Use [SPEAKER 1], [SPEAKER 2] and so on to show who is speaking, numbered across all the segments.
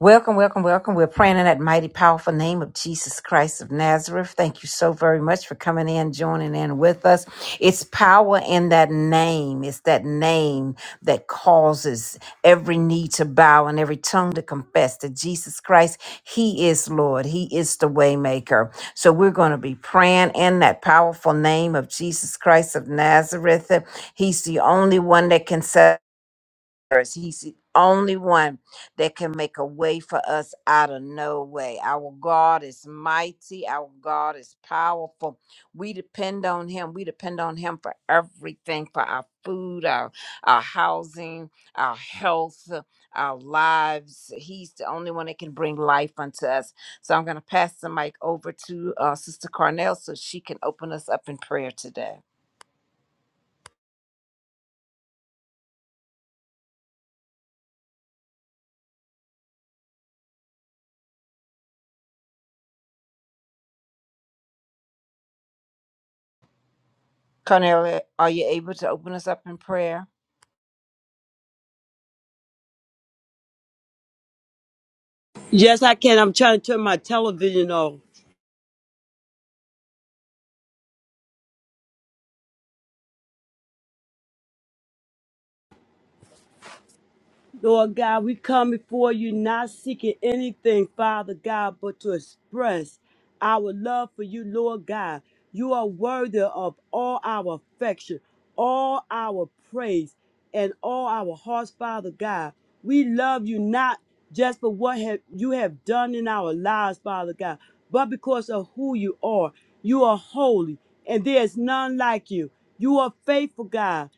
[SPEAKER 1] Welcome, welcome, welcome. We're praying in that mighty, powerful name of Jesus Christ of Nazareth. Thank you so very much for coming in, joining in with us. It's power in that name. It's that name that causes every knee to bow and every tongue to confess that Jesus Christ, He is Lord. He is the waymaker. So we're going to be praying in that powerful name of Jesus Christ of Nazareth. He's the only one that can set us. He's the only one that can make a way for us out of no way. Our God is mighty. Our God is powerful. We depend on Him. We depend on Him for everything for our food, our, our housing, our health, our lives. He's the only one that can bring life unto us. So I'm going to pass the mic over to uh, Sister Cornell so she can open us up in prayer today. Cornelia, are you able to open us up in prayer?
[SPEAKER 2] Yes, I can. I'm trying to turn my television off. Lord God, we come before you not seeking anything, Father God, but to express our love for you, Lord God. You are worthy of all our affection, all our praise, and all our hearts, Father God. We love you not just for what have you have done in our lives, Father God, but because of who you are. You are holy, and there is none like you. You are faithful, God.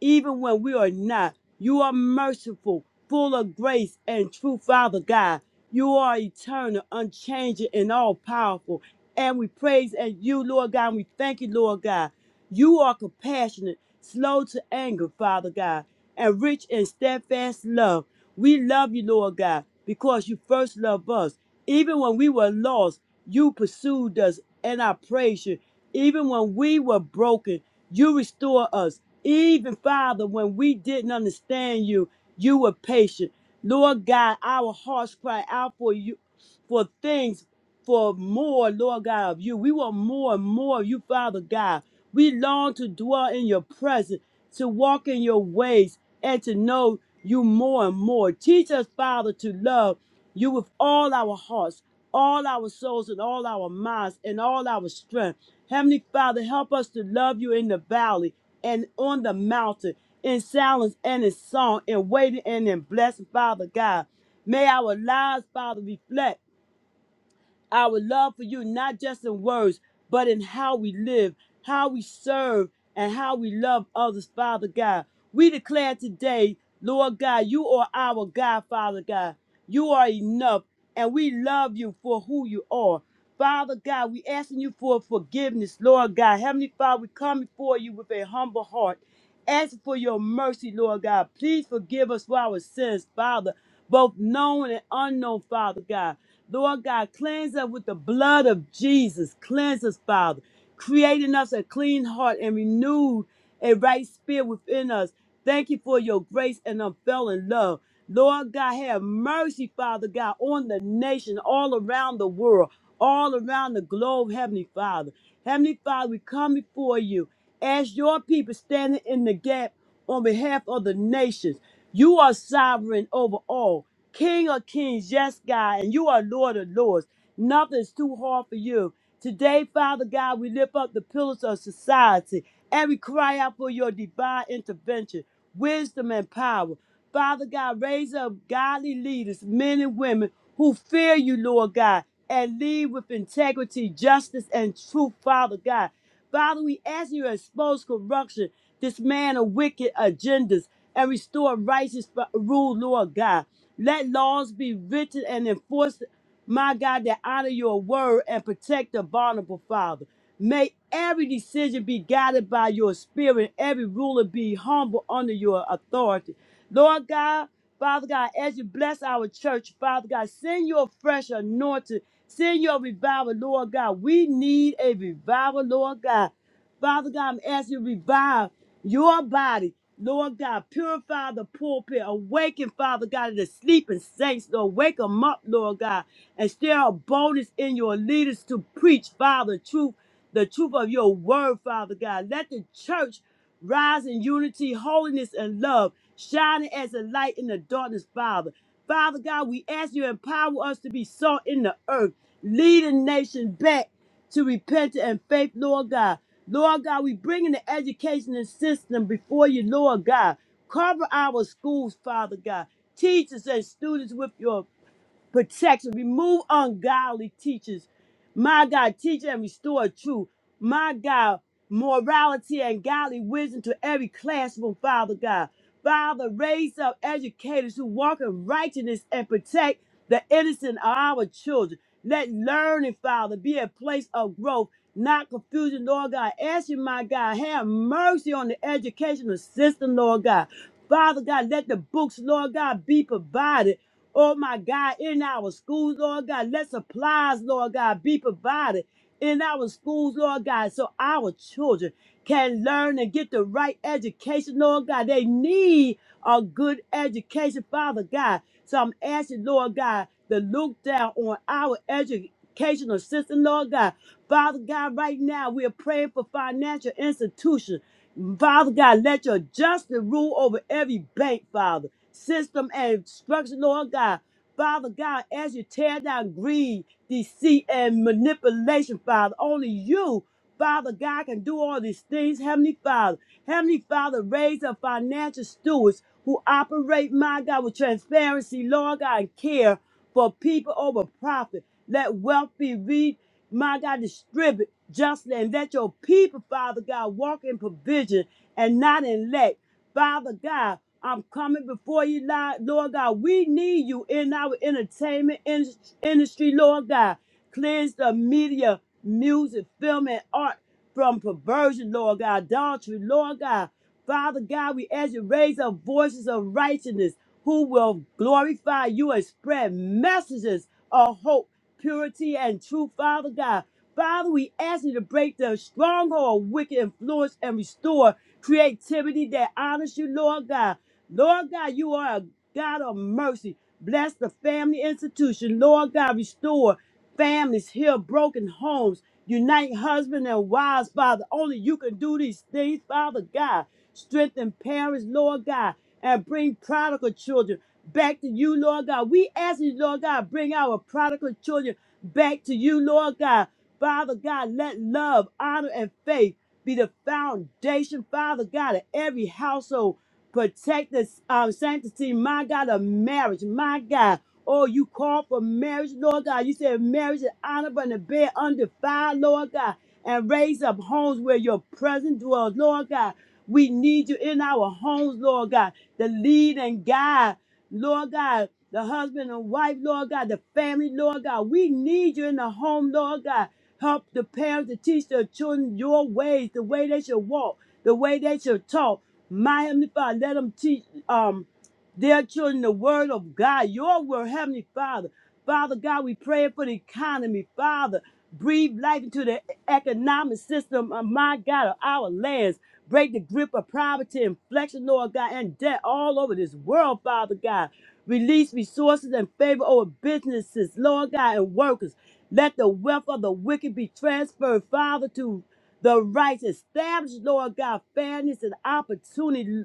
[SPEAKER 2] even when we are not. You are merciful, full of grace and truth, Father God. You are eternal, unchanging, and all powerful. And we praise and you, Lord God, and we thank you, Lord God. You are compassionate, slow to anger, Father God, and rich in steadfast love. We love you, Lord God, because you first loved us. Even when we were lost, you pursued us, and I praise you. Even when we were broken, you restore us. Even, Father, when we didn't understand you, you were patient. Lord God, our hearts cry out for you for things for more, Lord God, of you. We want more and more of you, Father God. We long to dwell in your presence, to walk in your ways, and to know you more and more. Teach us, Father, to love you with all our hearts, all our souls, and all our minds, and all our strength. Heavenly Father, help us to love you in the valley and on the mountain, in silence and in song, in waiting and in blessing, Father God. May our lives, Father, reflect our love for you, not just in words, but in how we live, how we serve, and how we love others, Father God. We declare today, Lord God, you are our God, Father God. You are enough, and we love you for who you are. Father God, we asking you for forgiveness, Lord God. Heavenly Father, we come before you with a humble heart Ask for your mercy, Lord God. Please forgive us for our sins, Father, both known and unknown, Father God. Lord God, cleanse us with the blood of Jesus. Cleanse us, Father, creating us a clean heart and renew a right spirit within us. Thank you for your grace and unfailing love. Lord God, have mercy, Father God, on the nation, all around the world, all around the globe, Heavenly Father. Heavenly Father, we come before you. As your people standing in the gap on behalf of the nations, you are sovereign over all. King of kings, yes, God, and you are Lord of lords. Nothing's too hard for you. Today, Father God, we lift up the pillars of society and we cry out for your divine intervention, wisdom, and power. Father God, raise up godly leaders, men and women who fear you, Lord God, and lead with integrity, justice, and truth, Father God. Father, we ask you to expose corruption dismantle wicked agendas, and restore righteous rule, Lord God. Let laws be written and enforced, my God, that honor your word and protect the vulnerable, Father. May every decision be guided by your spirit, every ruler be humble under your authority. Lord God, Father God, as you bless our church, Father God, send your fresh anointing, send your revival, Lord God. We need a revival, Lord God. Father God, I'm asking you to revive your body. Lord God, purify the pulpit. Awaken, Father God, the sleeping saints. Lord, wake them up, Lord God, and stir a boldness in your leaders to preach, Father, truth, the truth of your word, Father God. Let the church rise in unity, holiness, and love, shining as a light in the darkness, Father. Father God, we ask you to empower us to be salt in the earth, leading nation back to repentance and faith, Lord God. Lord God, we bring in the educational system before you, Lord God. Cover our schools, Father God. Teachers and students with your protection. Remove ungodly teachers. My God, teach and restore truth. My God, morality and godly wisdom to every classroom, Father God. Father, raise up educators who walk in righteousness and protect the innocent of our children. Let learning, Father, be a place of growth, not confusion, Lord God. Ask you, my God, have mercy on the educational system, Lord God. Father God, let the books, Lord God, be provided. Oh my God, in our schools, Lord God, let supplies, Lord God, be provided in our schools, Lord God, so our children can learn and get the right education, Lord God. They need a good education, Father God. So I'm asking, Lord God, to look down on our educational system, Lord God. Father God, right now we are praying for financial institutions. Father God, let your justice rule over every bank, Father system and structure, Lord God. Father God, as you tear down greed, deceit, and manipulation, Father, only you, Father God, can do all these things. Heavenly Father, Heavenly Father, raise up financial stewards who operate, my God, with transparency, Lord God, and care for people over profit. Let wealth be read, my God, distribute justly, and let your people, Father God, walk in provision and not in lack. Father God, I'm coming before you, Lord Lord God. We need you in our entertainment in- industry, Lord God. Cleanse the media, music, film, and art from perversion, Lord God, adultery, Lord God. Father God, we ask you to raise up voices of righteousness who will glorify you and spread messages of hope, purity, and truth, Father God. Father, we ask you to break the stronghold of wicked influence and restore creativity that honors you, Lord God. Lord God, you are a God of mercy. Bless the family institution. Lord God, restore families, heal broken homes, unite husband and wives, Father. Only you can do these things, Father God. Strengthen parents, Lord God, and bring prodigal children back to you, Lord God. We ask you, Lord God, bring our prodigal children back to you, Lord God. Father God, let love, honor, and faith be the foundation, Father God, of every household. Protect the um, sanctity, my God, of marriage, my God. Oh, you call for marriage, Lord God. You said marriage is honorable and the bed undefiled, Lord God. And raise up homes where your presence dwells, Lord God. We need you in our homes, Lord God, to lead and guide, Lord God, the husband and wife, Lord God, the family, Lord God. We need you in the home, Lord God. Help the parents to teach their children your ways, the way they should walk, the way they should talk. My Heavenly Father, let them teach um, their children the word of God, your word, Heavenly Father. Father God, we pray for the economy, Father. Breathe life into the economic system of my God, of our lands. Break the grip of poverty, inflection, Lord God, and debt all over this world, Father God. Release resources and favor over businesses, Lord God, and workers. Let the wealth of the wicked be transferred, Father, to the righteous. Establish, Lord God, fairness and opportunity,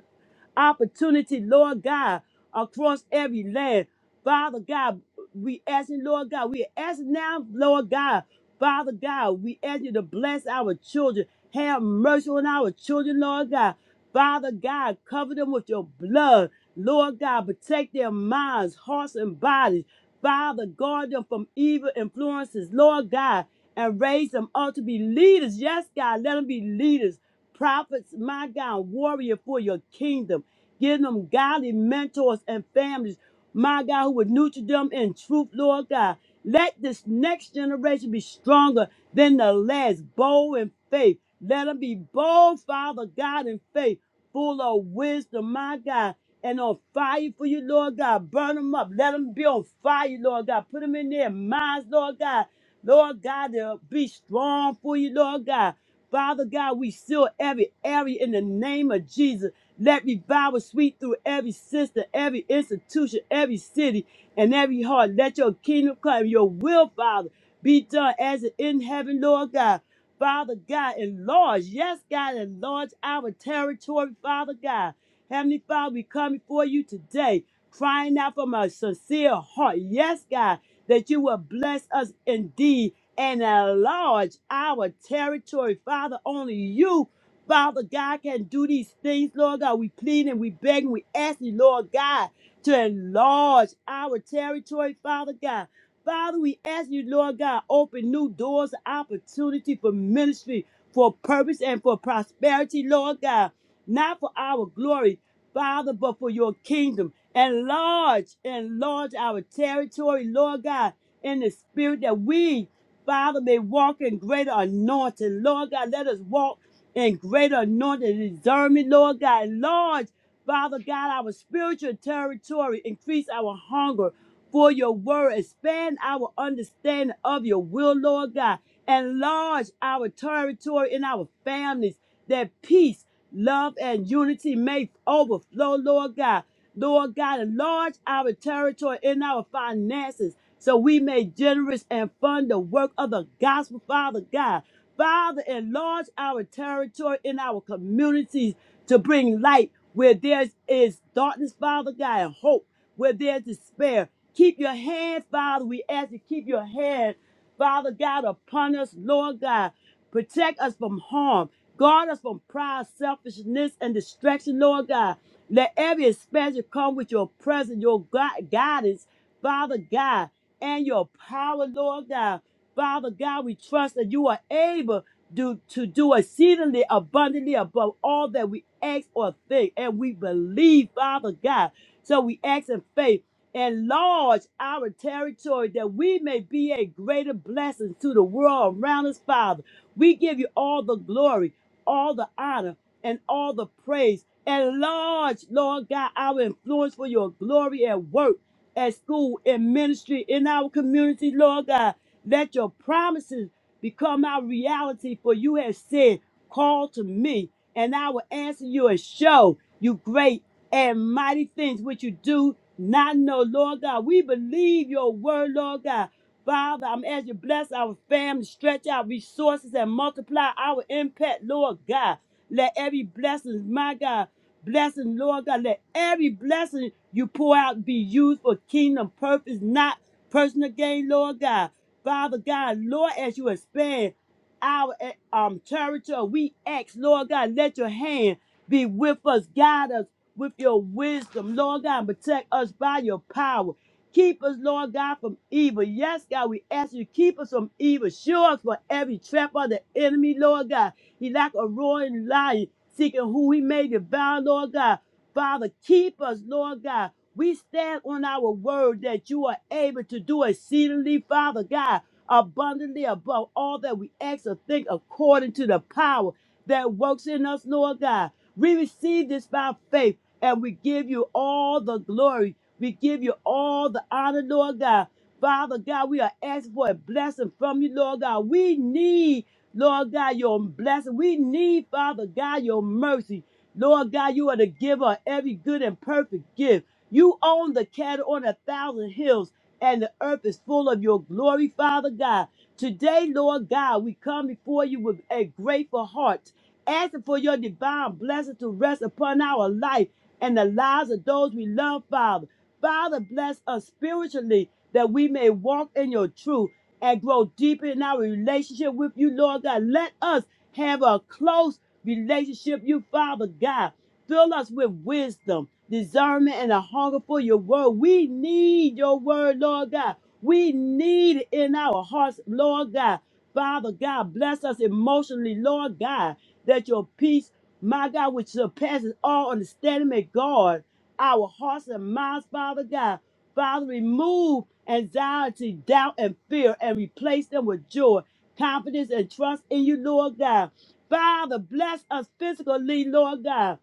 [SPEAKER 2] opportunity, Lord God, across every land. Father God, we asking, Lord God, we are asking now, Lord God, Father God, we ask you to bless our children. Have mercy on our children, Lord God. Father God, cover them with your blood. Lord God, protect their minds, hearts, and bodies. Father, guard them from evil influences, Lord God, and raise them up to be leaders. Yes, God, let them be leaders prophets, my God, warrior for your kingdom. Give them godly mentors and families, my God, who would nurture them in truth, Lord God. Let this next generation be stronger than the last, bold in faith. Let them be bold, Father God, in faith, full of wisdom, my God, and on fire for you, Lord God. Burn them up. Let them be on fire, Lord God. Put them in their minds, Lord God. Lord God, to be strong for you, Lord God. Father God, we seal every area in the name of Jesus. Let revival sweep through every system, every institution, every city, and every heart. Let your kingdom come, your will, Father, be done as it in heaven, Lord God. Father God, enlarge, yes, God, enlarge our territory, Father God. Heavenly Father, we come before you today, crying out from a sincere heart. Yes, God that you will bless us indeed and enlarge our territory. Father, only you, Father God, can do these things, Lord God. We plead and we beg and we ask you, Lord God, to enlarge our territory, Father God. Father, we ask you, Lord God, open new doors of opportunity for ministry, for purpose, and for prosperity, Lord God. Not for our glory, Father, but for your kingdom. Enlarge, enlarge our territory, Lord God, in the spirit that we, Father, may walk in greater anointing. Lord God, let us walk in greater anointing and discernment, Lord God. Enlarge Father God, our spiritual territory, increase our hunger for your word, expand our understanding of your will, Lord God, enlarge our territory in our families, that peace, love, and unity may overflow, Lord God. Lord God, enlarge our territory in our finances so we may generous and fund the work of the gospel, Father God. Father, enlarge our territory in our communities to bring light where there is darkness, Father God, and hope where there's despair. Keep your hand, Father. We ask you to keep your hand, Father God, upon us, Lord God. Protect us from harm. Guard us from pride, selfishness, and distraction, Lord God. Let every expansion come with your presence, your gui- guidance, Father God, and your power, Lord God. Father God, we trust that you are able do to do exceedingly abundantly above all that we ask or think, and we believe, Father God. So we ask in faith, enlarge our territory that we may be a greater blessing to the world around us, Father. We give you all the glory, all the honor, and all the praise. Enlarge, Lord God, our influence for your glory at work, at school, in ministry, in our community, Lord God. Let your promises become our reality, for you have said, Call to me, and I will answer you and show you great and mighty things which you do not know, Lord God. We believe your word, Lord God. Father, I'm as you bless our family, stretch our resources, and multiply our impact, Lord God. Let every blessing, my God, blessing, Lord God, let every blessing you pour out be used for kingdom purpose, not personal gain, Lord God. Father God, Lord, as you expand our eh, um territory, we ask, Lord God, let your hand be with us, guide us with your wisdom, Lord God, and protect us by your power. Keep us, Lord God, from evil. Yes, God, we ask you to keep us from evil. Show us for every trap of the enemy, Lord God. He like a roaring lion, seeking who he may devour, Lord God. Father, keep us, Lord God. We stand on our word that you are able to do exceedingly, Father God, abundantly above all that we ask or think according to the power that works in us, Lord God. We receive this by faith and we give you all the glory. We give you all the honor, Lord God. Father God, we are asking for a blessing from you, Lord God. We need, Lord God, your blessing. We need, Father God, your mercy. Lord God, you are the giver of every good and perfect gift. You own the cattle on a thousand hills, and the earth is full of your glory, Father God. Today, Lord God, we come before you with a grateful heart, asking for your divine blessing to rest upon our life and the lives of those we love, Father. Father, bless us spiritually that we may walk in your truth and grow deeper in our relationship with you, Lord God. Let us have a close relationship, with you Father God. Fill us with wisdom, discernment, and a hunger for your word. We need your word, Lord God. We need it in our hearts, Lord God. Father God, bless us emotionally, Lord God, that your peace, my God, which surpasses all understanding, may guard our hearts and minds, Father God. Father, remove anxiety, doubt, and fear, and replace them with joy, confidence, and trust in you, Lord God. Father, bless us physically, Lord God.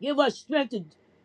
[SPEAKER 2] Give us strength to,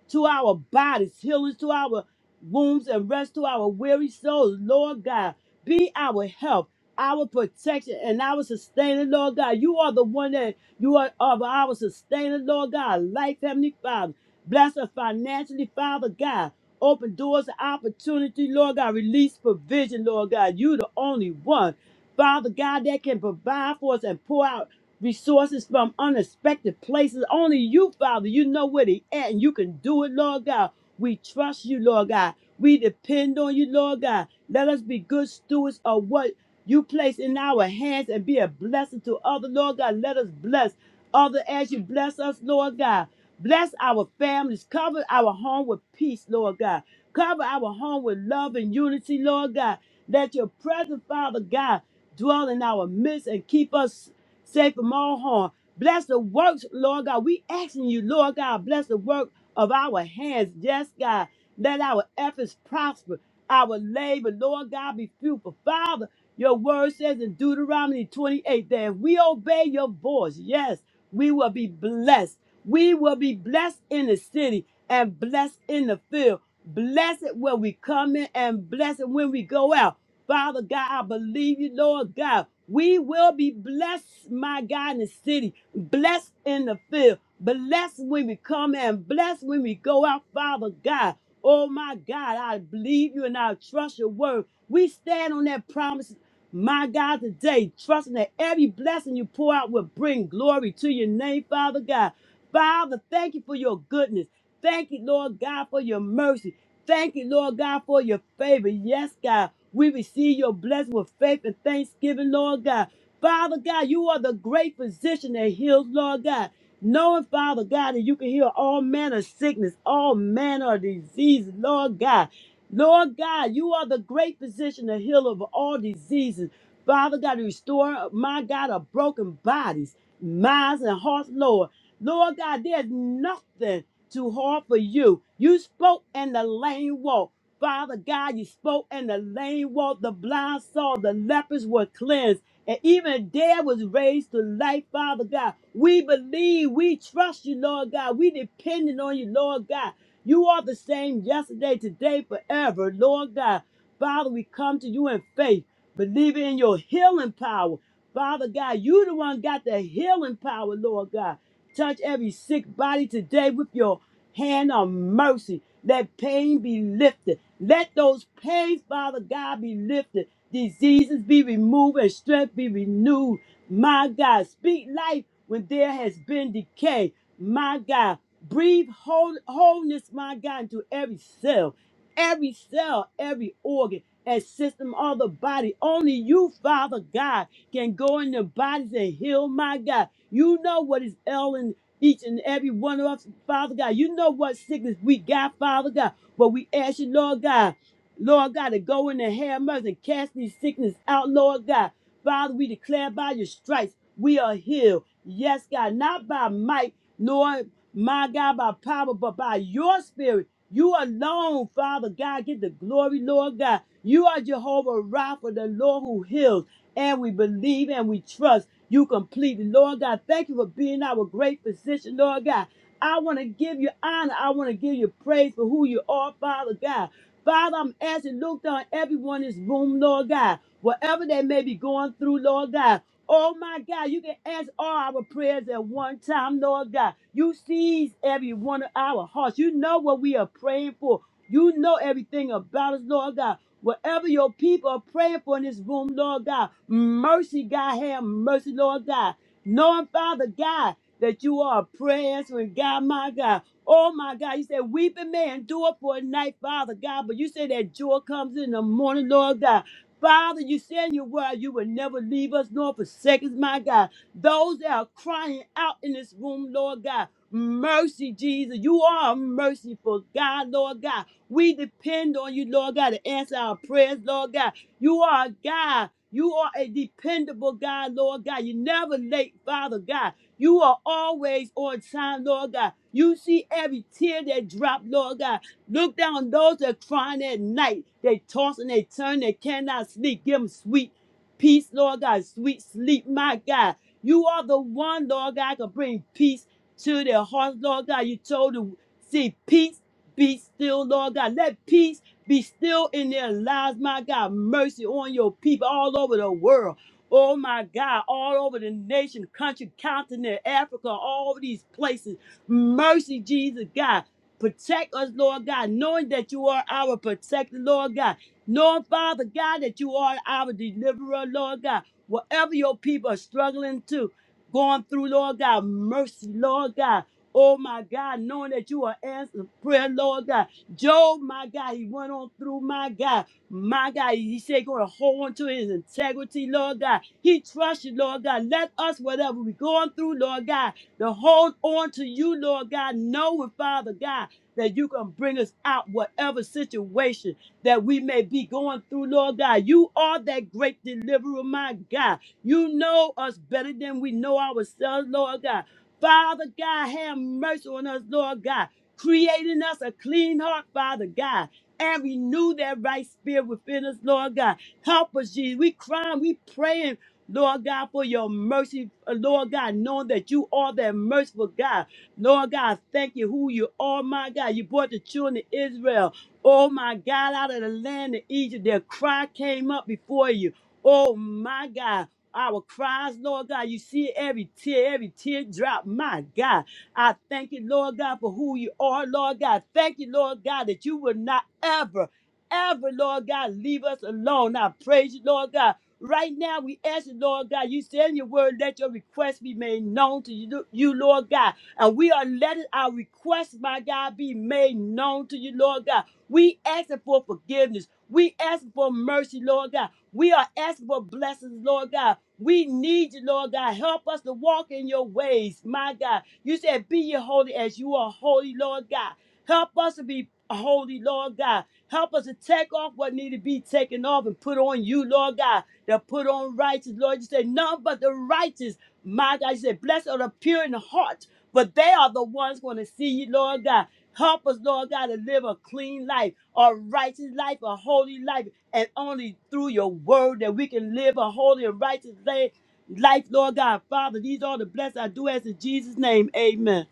[SPEAKER 2] to our bodies, healing to our wombs, and rest to our weary souls. Lord God, be our help, our protection, and our sustainer, Lord God. You are the one that you are of our sustainer, Lord God. Life, Heavenly Father. Bless us financially, Father God. Open doors of opportunity, Lord God. Release provision, Lord God. You the only one, Father God, that can provide for us and pour out resources from unexpected places. Only you, Father, you know where they at, and you can do it, Lord God. We trust you, Lord God. We depend on you, Lord God. Let us be good stewards of what you place in our hands and be a blessing to others, Lord God. Let us bless others as you bless us, Lord God. Bless our families. Cover our home with peace, Lord God. Cover our home with love and unity, Lord God. Let your presence, Father God, dwell in our midst and keep us safe from all harm. Bless the works, Lord God. We asking you, Lord God, bless the work of our hands. Yes, God. Let our efforts prosper. Our labor, Lord God, be fruitful. Father, your word says in Deuteronomy 28 that if we obey your voice, yes, we will be blessed. We will be blessed in the city and blessed in the field. Blessed when we come in and blessed when we go out. Father God, I believe you, Lord God. We will be blessed, my God, in the city, blessed in the field, blessed when we come and blessed when we go out, Father God. Oh my God, I believe you and I trust your word. We stand on that promise my God, today, trusting that every blessing you pour out will bring glory to your name, Father God. Father, thank you for your goodness. Thank you, Lord God, for your mercy. Thank you, Lord God, for your favor. Yes, God, we receive your blessing with faith and thanksgiving, Lord God. Father God, you are the great physician that heals, Lord God. Knowing, Father God, that you can heal all manner of sickness, all manner of disease, Lord God. Lord God, you are the great physician, the healer of all diseases. Father God, restore, my God, of broken bodies, minds, and hearts, Lord. Lord God, there's nothing too hard for you. You spoke and the lame walked. Father God, you spoke and the lame walked, the blind saw, the lepers were cleansed, and even dead was raised to life, Father God. We believe, we trust you, Lord God. We depending on you, Lord God. You are the same yesterday, today, forever, Lord God. Father, we come to you in faith, believing in your healing power. Father God, you the one got the healing power, Lord God. Touch every sick body today with your hand of mercy. Let pain be lifted. Let those pains, Father God, be lifted. Diseases be removed and strength be renewed. My God, speak life when there has been decay. My God, Breathe whole, wholeness, my God, into every cell, every cell, every organ and system of the body. Only you, Father God, can go in the bodies and heal, my God. You know what is ailing each and every one of us, Father God. You know what sickness we got, Father God. But we ask you, Lord God, Lord God, to go in and have mercy and cast these sickness out, Lord God. Father, we declare by your stripes we are healed. Yes, God, not by might. nor my God, by power, but by your spirit. You alone, Father God, get the glory, Lord God. You are Jehovah Rapha, the Lord who heals, and we believe and we trust you completely, Lord God. Thank you for being our great physician, Lord God. I want to give you honor. I want to give you praise for who you are, Father God. Father, I'm asking, look down everyone in this room, Lord God. Whatever they may be going through, Lord God. Oh my God, you can answer all our prayers at one time, Lord God. You seize every one of our hearts. You know what we are praying for. You know everything about us, Lord God. Whatever your people are praying for in this room, Lord God, mercy, God, have mercy, Lord God. Knowing, Father God, that you are a prayer answering God, my God. Oh my God, you said, weeping may endure for a night, Father God, but you said that joy comes in the morning, Lord God. Father, you said in your word you will never leave us nor forsake us, my God. Those that are crying out in this room, Lord God, mercy, Jesus. You are a merciful God, Lord God. We depend on you, Lord God, to answer our prayers, Lord God. You are a God. You are a dependable God, Lord God. You never late, Father God. You are always on time, Lord God. You see every tear that drop, Lord God. Look down on those that crying at night. They toss and they turn, they cannot sleep. Give them sweet peace, Lord God, sweet sleep, my God. You are the one, Lord God, can bring peace to their hearts, Lord God. You told them, see, peace be still, Lord God. Let peace be still in their lives, my God. Mercy on your people all over the world. Oh my God, all over the nation, country, continent, Africa, all these places. Mercy, Jesus God. Protect us, Lord God, knowing that you are our protector, Lord God. Knowing, Father God, that you are our deliverer, Lord God. Whatever your people are struggling to, going through, Lord God, mercy, Lord God. Oh my God, knowing that you are answering prayer, Lord God. Job, my God, he went on through, my God. My God, he said, going to hold on to his integrity, Lord God. He trusts you, Lord God. Let us, whatever we're going through, Lord God, to hold on to you, Lord God, knowing, Father God that you can bring us out whatever situation that we may be going through, Lord God. You are that great deliverer, my God. You know us better than we know ourselves, Lord God. Father God, have mercy on us, Lord God. Creating us a clean heart, Father God. And renew that right spirit within us, Lord God. Help us, Jesus. We crying, we praying, Lord God, for your mercy, uh, Lord God, knowing that you are that merciful God. Lord God, thank you who you are, my God. You brought the children of Israel, oh my God, out of the land of Egypt. Their cry came up before you. Oh my God. Our cries, Lord God, you see every tear, every tear drop, my God. I thank you, Lord God, for who you are, Lord God. Thank you, Lord God, that you will not ever, ever, Lord God, leave us alone. I praise you, Lord God. Right now, we ask you, Lord God, you say in your word, let your request be made known to you, you, Lord God. And we are letting our requests, my God, be made known to you, Lord God. We asking for forgiveness. We asking for mercy, Lord God. We are asking for blessings, Lord God. We need you, Lord God. Help us to walk walk in your ways, my God. You said, Be ye holy as you are holy, Lord God. Help us to be holy, Lord God. Help us to take off what need to be taken off and put on you, Lord God. To put on righteous, Lord. You said, None but the righteous, my God. You said, Blessed are the pure in heart, but they are the ones going to see you, Lord God. Help us, Lord God, to live a clean life, a righteous life, a holy life, and only through your word that we can live a holy and righteous life life, Lord God. Father, these are the blessings I do ask in Jesus' name. Amen.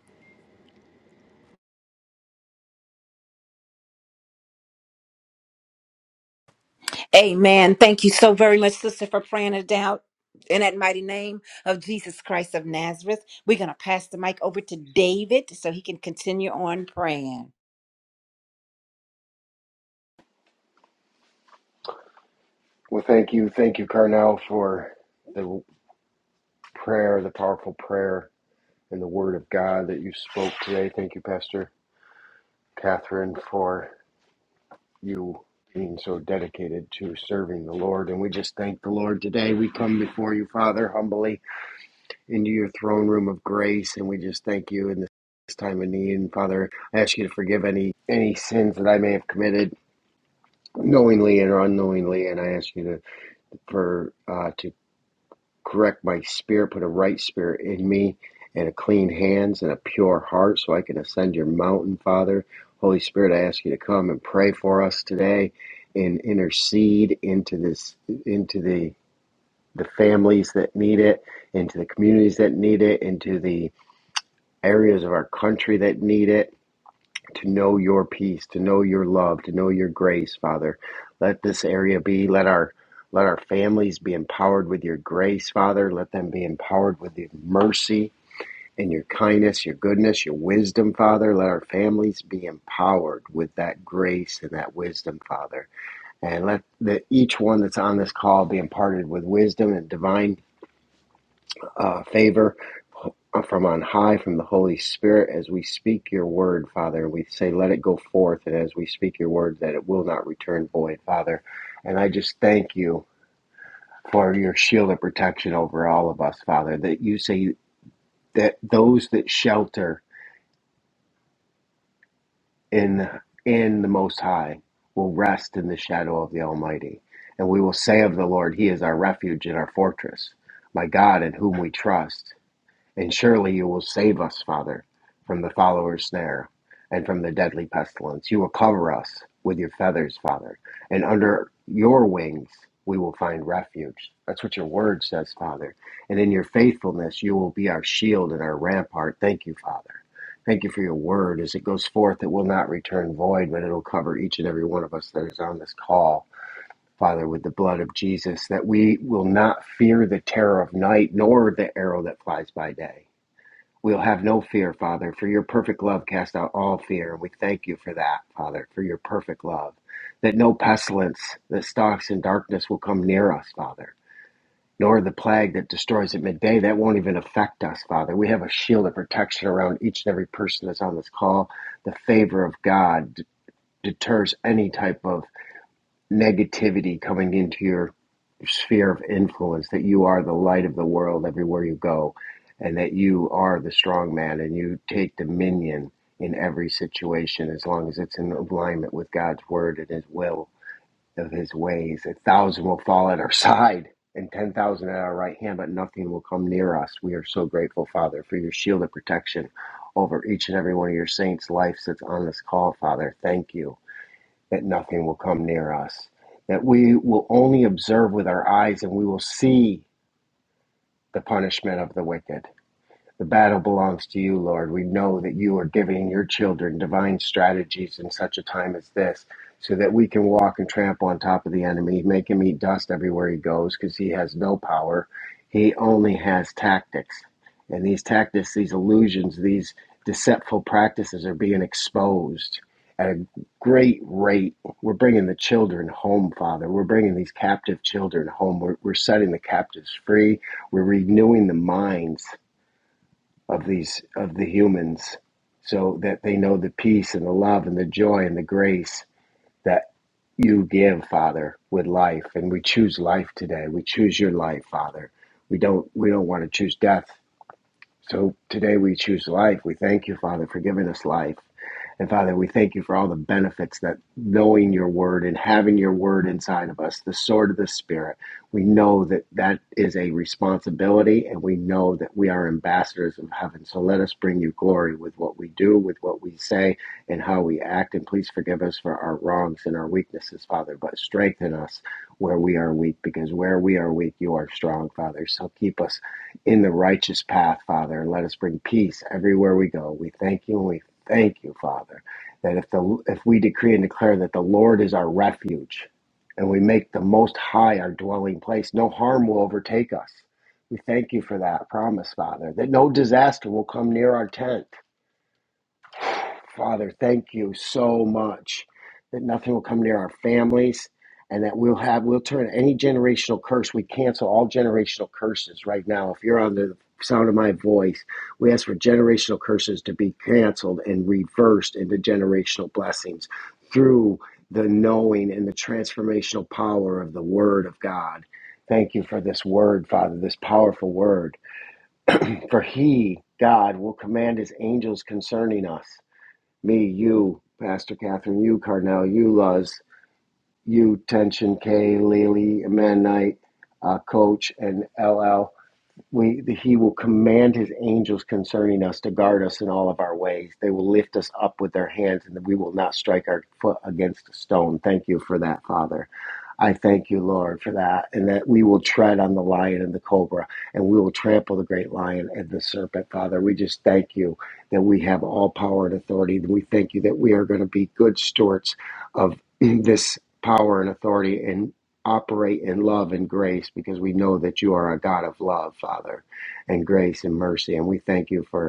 [SPEAKER 1] Amen. Thank you so very much, sister, for praying it out. In that mighty name of Jesus Christ of Nazareth, we're going to pass the mic over to David so he can continue on praying.
[SPEAKER 3] Well, thank you. Thank you, Carnell, for the prayer, the powerful prayer, and the word of God that you spoke today. Thank you, Pastor Catherine, for you being so dedicated to serving the Lord. And we just thank the Lord today. We come before you, Father, humbly into your throne room of grace, and we just thank you in this time of need. And Father, I ask you to forgive any any sins that I may have committed knowingly and unknowingly, and I ask you to for uh, to correct my spirit, put a right spirit in me, and a clean hands and a pure heart so I can ascend your mountain, Father. Holy Spirit, I ask you to come and pray for us today and intercede into this into the the families that need it, into the communities that need it, into the areas of our country that need it to know your peace, to know your love, to know your grace, Father. Let this area be, let our let our families be empowered with your grace, Father. Let them be empowered with your mercy and your kindness, your goodness, your wisdom, Father. Let our families be empowered with that grace and that wisdom, Father. And let the, each one that's on this call be imparted with wisdom and divine uh, favor uh, from on high from the Holy Spirit as we speak your word, Father. We say, let it go forth, and as we speak your word, that it will not return void, Father. And I just thank you for your shield of protection over all of us, Father, that you say that those that shelter in in the Most High will rest in the shadow of the Almighty. And we will say of the Lord, He is our refuge and our fortress, my God in whom we trust. And surely you will save us, Father, from the follower's snare and from the deadly pestilence. You will cover us with your feathers, Father, and under your wings we will find refuge. That's what your word says, Father. And in your faithfulness, you will be our shield and our rampart. Thank you, Father. Thank you for your word. As it goes forth, it will not return void, but it'll cover each and every one of us that is on this call. Father, with the blood of Jesus, that we will not fear the terror of night nor the arrow that flies by day We'll have no fear, Father, for your perfect love cast out all fear. And we thank you for that, Father, for your perfect love. That no pestilence that stalks in darkness will come near us, Father, nor the plague that destroys at midday. That won't even affect us, Father. We have a shield of protection around each and every person that's on this call. The favor of God d- deters any type of negativity coming into your sphere of influence that you are the light of the world everywhere you go and that you are the strong man and you take dominion in every situation as long as it's in alignment with God's word and his will of his ways a thousand will fall at our side and 10,000 at our right hand but nothing will come near us we are so grateful father for your shield of protection over each and every one of your saints lives that's on this call father thank you that nothing will come near us, that we will only observe with our eyes and we will see the punishment of the wicked. The battle belongs to you, Lord. We know that you are giving your children divine strategies in such a time as this so that we can walk and trample on top of the enemy, make him eat dust everywhere he goes because he has no power. He only has tactics. And these tactics, these illusions, these deceitful practices are being exposed at a great rate. We're bringing the children home, Father. We're bringing these captive children home. We're, we're setting the captives free. We're renewing the minds of these of the humans so that they know the peace and the love and the joy and the grace that you give father with life and we choose life today we choose your life father we don't we don't want to choose death so today we choose life we thank you father for giving us life and Father, we thank you for all the benefits that knowing your word and having your word inside of us, the sword of the Spirit, we know that that is a responsibility and we know that we are ambassadors of heaven. So let us bring you glory with what we do, with what we say, and how we act. And please forgive us for our wrongs and our weaknesses, Father, but strengthen us where we are weak because where we are weak, you are strong, Father. So keep us in the righteous path, Father, and let us bring peace everywhere we go. We thank you and we Thank you, Father, that if the if we decree and declare that the Lord is our refuge, and we make the Most High our dwelling place, no harm will overtake us. We thank you for that promise, Father, that no disaster will come near our tent. Father, thank you so much that nothing will come near our families and that we'll have, we'll turn any generational curse. We cancel all generational curses right now. If you're on the sound of my voice, we ask for generational curses to be canceled and reversed into generational blessings through the knowing and the transformational power of the Word of God. Thank you for this word, Father, this powerful word. For he, God, will command his angels concerning us me, you, Pastor Catherine, you, Carnell, you, Luz, you, Tension K, Lily, Amandite, uh, Coach, and LL. We, the, he will command his angels concerning us to guard us in all of our ways. They will lift us up with their hands, and we will not strike our foot against a stone. Thank you for that, Father. I thank you, Lord, for that, and that we will tread on the lion and the cobra, and we will trample the great lion and the serpent, Father. We just thank you that we have all power and authority. We thank you that we are going to be good stewards of this power and authority and operate in love and grace because we know that you are a God of love, Father, and grace and mercy. And we thank you for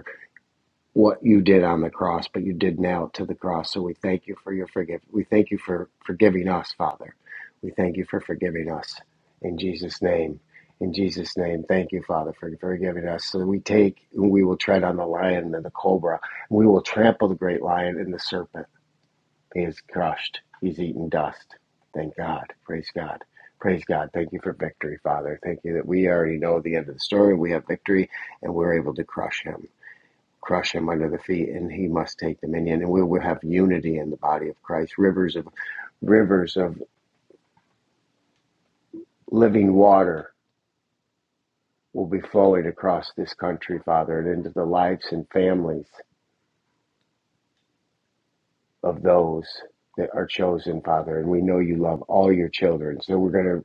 [SPEAKER 3] what you did on the cross, but you did now to the cross. So we thank you for your forgive. We thank you for forgiving us, Father. We thank you for forgiving us in Jesus' name. In Jesus' name, thank you, Father, for forgiving us. So we take, we will tread on the lion and the cobra. We will trample the great lion and the serpent. He is crushed. He's eaten dust. Thank God. Praise God. Praise God. Thank you for victory, Father. Thank you that we already know the end of the story. We have victory and we're able to crush him crush him under the feet and he must take dominion and we will have unity in the body of christ rivers of rivers of living water will be flowing across this country father and into the lives and families of those that are chosen father and we know you love all your children so we're going to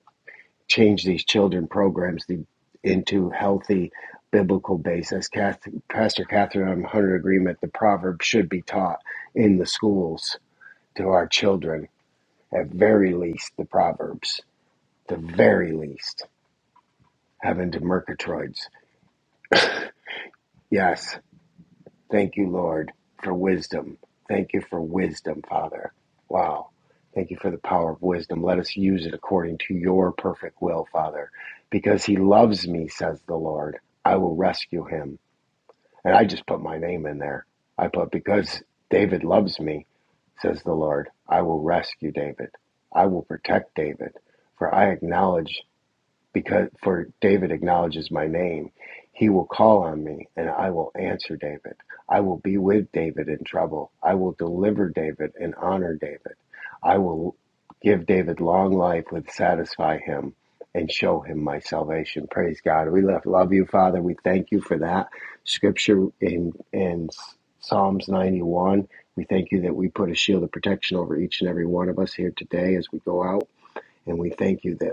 [SPEAKER 3] change these children programs the, into healthy biblical basis Kath, pastor catherine i'm 100 agreement the proverb should be taught in the schools to our children At very least, the Proverbs. The very least. Heaven to Murgatroyds. Yes. Thank you, Lord, for wisdom. Thank you for wisdom, Father. Wow. Thank you for the power of wisdom. Let us use it according to your perfect will, Father. Because he loves me, says the Lord. I will rescue him. And I just put my name in there. I put, because David loves me, says the Lord, I will rescue David. I will protect David. For I acknowledge because for David acknowledges my name, he will call on me and I will answer David. I will be with David in trouble. I will deliver David and honor David. I will give David long life with satisfy him and show him my salvation. Praise God. We love, love you, Father. We thank you for that scripture in in Psalms 91. We thank you that we put a shield of protection over each and every one of us here today as we go out. And we thank you that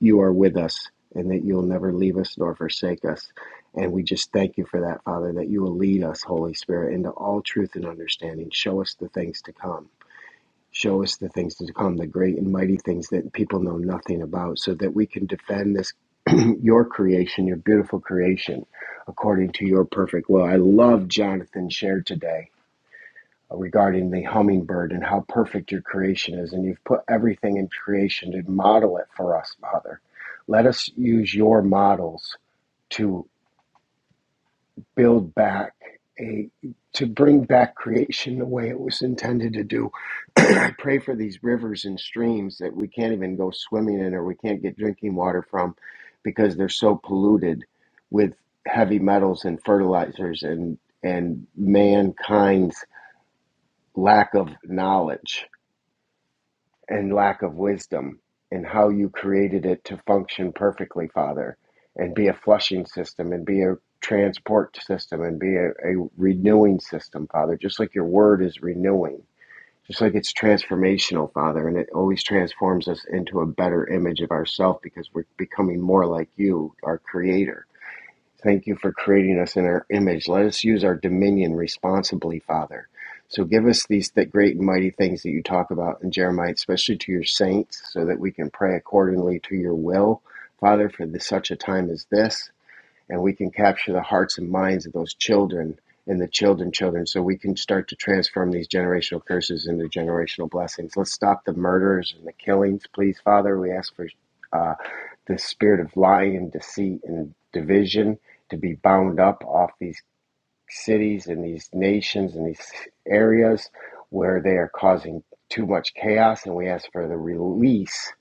[SPEAKER 3] you are with us and that you'll never leave us nor forsake us. And we just thank you for that, Father, that you will lead us, Holy Spirit, into all truth and understanding. Show us the things to come. Show us the things to come, the great and mighty things that people know nothing about, so that we can defend this, your creation, your beautiful creation, according to your perfect will. I love Jonathan shared today uh, regarding the hummingbird and how perfect your creation is. And you've put everything in creation to model it for us, Father. Let us use your models to build back a to bring back creation the way it was intended to do. I pray for these rivers and streams that we can't even go swimming in or we can't get drinking water from because they're so polluted with heavy metals and fertilizers and and mankind's lack of knowledge and lack of wisdom and how you created it to function perfectly, Father, and be a flushing system and be a transport system and be a, a renewing system, Father, just like your word is renewing. Just like it's transformational, Father, and it always transforms us into a better image of ourselves because we're becoming more like you, our Creator. Thank you for creating us in our image. Let us use our dominion responsibly, Father. So give us these th- great and mighty things that you talk about in Jeremiah, especially to your saints, so that we can pray accordingly to your will, Father, for this, such a time as this and we can capture the hearts and minds of those children and the children children so we can start to transform these generational curses into generational blessings let's stop the murders and the killings please father we ask for uh, the spirit of lying and deceit and division to be bound up off these cities and these nations and these areas where they are causing too much chaos, and we ask for the release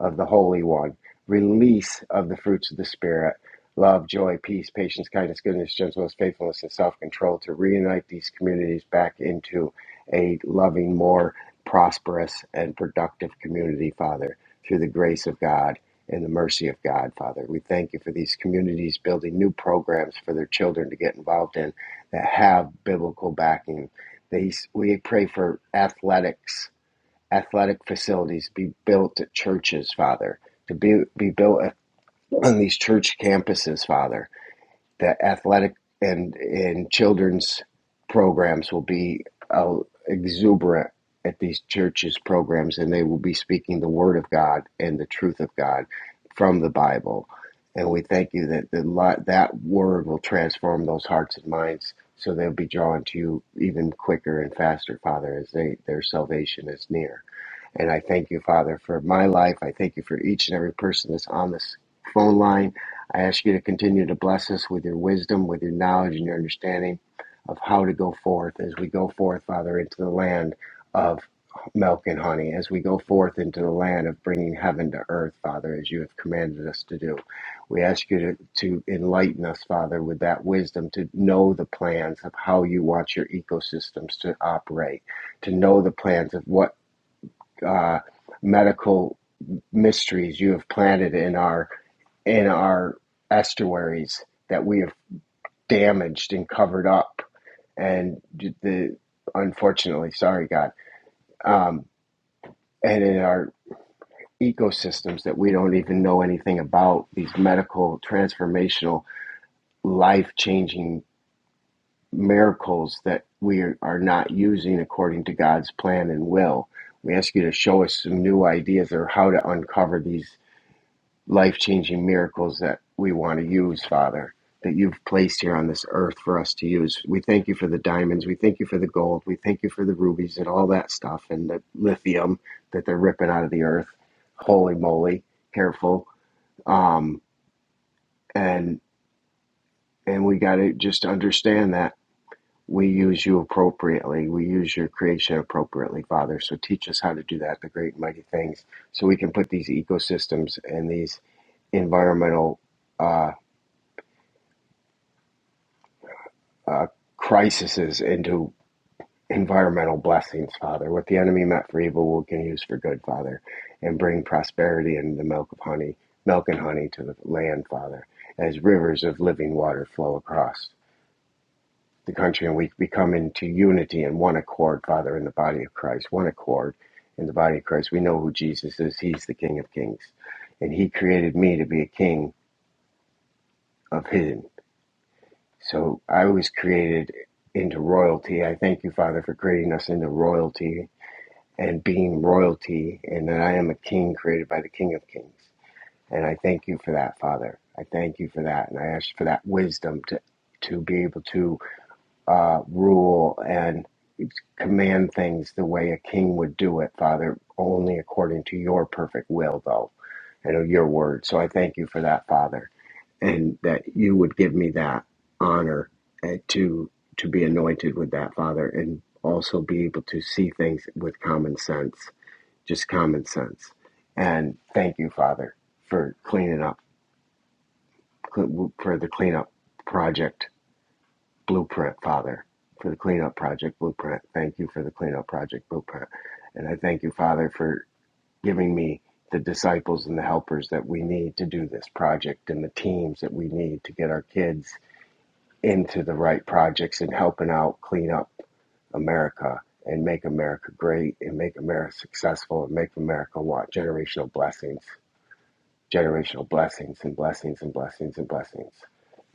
[SPEAKER 3] of the Holy One, release of the fruits of the Spirit love, joy, peace, patience, kindness, goodness, gentleness, faithfulness, and self control to reunite these communities back into a loving, more prosperous, and productive community, Father, through the grace of God. And the mercy of God, Father. We thank you for these communities building new programs for their children to get involved in that have biblical backing. They, we pray for athletics, athletic facilities be built at churches, Father, to be, be built on these church campuses, Father the athletic and and children's programs will be uh, exuberant at these churches programs and they will be speaking the word of God and the truth of God from the Bible and we thank you that the, that word will transform those hearts and minds so they'll be drawn to you even quicker and faster father as they their salvation is near and I thank you, Father, for my life. I thank you for each and every person that's on this phone line. I ask you to continue to bless us with your wisdom, with your knowledge, and your understanding of how to go forth as we go forth, Father, into the land of milk and honey, as we go forth into the land of bringing heaven to earth, Father, as you have commanded us to do. We ask you to, to enlighten us, Father, with that wisdom to know the plans of how you want your ecosystems to operate to know the plans of what uh, medical mysteries you have planted in our in our estuaries that we have damaged and covered up and the unfortunately sorry god um, and in our ecosystems that we don't even know anything about these medical transformational life changing miracles that we are are not using according to god's plan and will we ask you to show us some new ideas or how to uncover these life changing miracles that we want to use, Father, that you've placed here on this earth for us to use. We thank you for the diamonds. We thank you for the gold. We thank you for the rubies and all that stuff and the lithium that they're ripping out of the earth. Holy moly, careful. Um, and and we got to just understand that we use you appropriately. We use your creation appropriately, Father. So teach us how to do that, the great and mighty things, so we can put these ecosystems and these environmental uh, uh, crises into environmental blessings, Father. What the enemy meant for evil, we can use for good, Father, and bring prosperity and the milk of honey, milk and honey to the land, Father, as rivers of living water flow across the country, and we become into unity and one accord, Father, in the body of Christ, one accord in the body of Christ. We know who Jesus is. He's the King of Kings, and He created me to be a king of Him. So I was created into royalty. I thank you, Father, for creating us into royalty and being royalty, and that I am a king created by the King of Kings. And I thank you for that, Father. I thank you for that, and I ask for that wisdom to to be able to uh, rule and command things the way a king would do it, Father, only according to your perfect will, though, and your word. So I thank you for that, Father and that you would give me that honor uh, to to be anointed with that father and also be able to see things with common sense just common sense and thank you father for cleaning up for the cleanup project blueprint father for the cleanup project blueprint thank you for the cleanup project blueprint and i thank you father for giving me the disciples and the helpers that we need to do this project and the teams that we need to get our kids into the right projects and helping out clean up America and make America great and make America successful and make America want generational blessings generational blessings and blessings and blessings and blessings.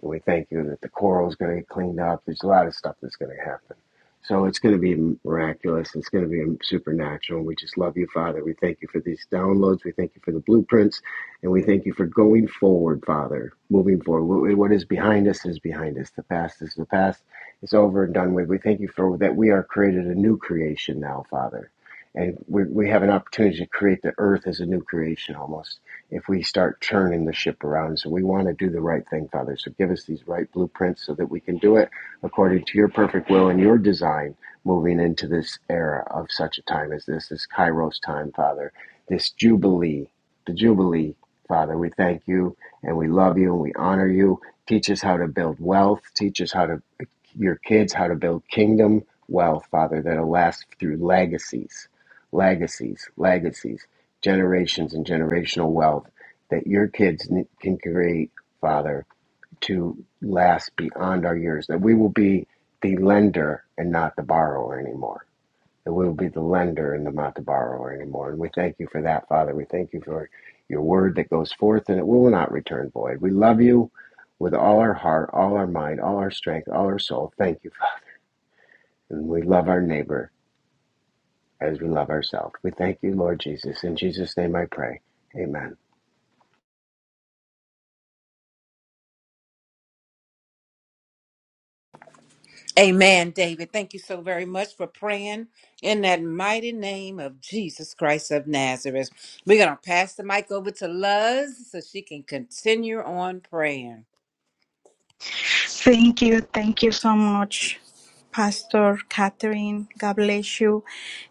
[SPEAKER 3] And we thank you that the coral is going to get cleaned up. There's a lot of stuff that's going to happen. So it's going to be miraculous. It's going to be supernatural. We just love you, Father. We thank you for these downloads. We thank you for the blueprints. And we thank you for going forward, Father, moving forward. what is behind us is behind us. The past is the past. It's over and done with. We thank you for that we are created a new creation now, Father. And we, we have an opportunity to create the earth as a new creation almost if we start turning the ship around. So we want to do the right thing, Father. So give us these right blueprints so that we can do it according to your perfect will and your design moving into this era of such a time as this, this Kairos time, Father, this Jubilee, the Jubilee, Father. We thank you and we love you and we honor you. Teach us how to build wealth. Teach us how to, your kids, how to build kingdom wealth, Father, that'll last through legacies, legacies, legacies generations and generational wealth that your kids n- can create, Father, to last beyond our years. That we will be the lender and not the borrower anymore. That we will be the lender and not the borrower anymore. And we thank you for that, Father. We thank you for your word that goes forth and it will not return void. We love you with all our heart, all our mind, all our strength, all our soul. Thank you, Father. And we love our neighbor as we love ourselves. We thank you, Lord Jesus. In Jesus' name I pray. Amen.
[SPEAKER 1] Amen, David. Thank you so very much for praying in that mighty name of Jesus Christ of Nazareth. We're going to pass the mic over to Luz so she can continue on praying.
[SPEAKER 4] Thank you. Thank you so much, Pastor Catherine. God bless you.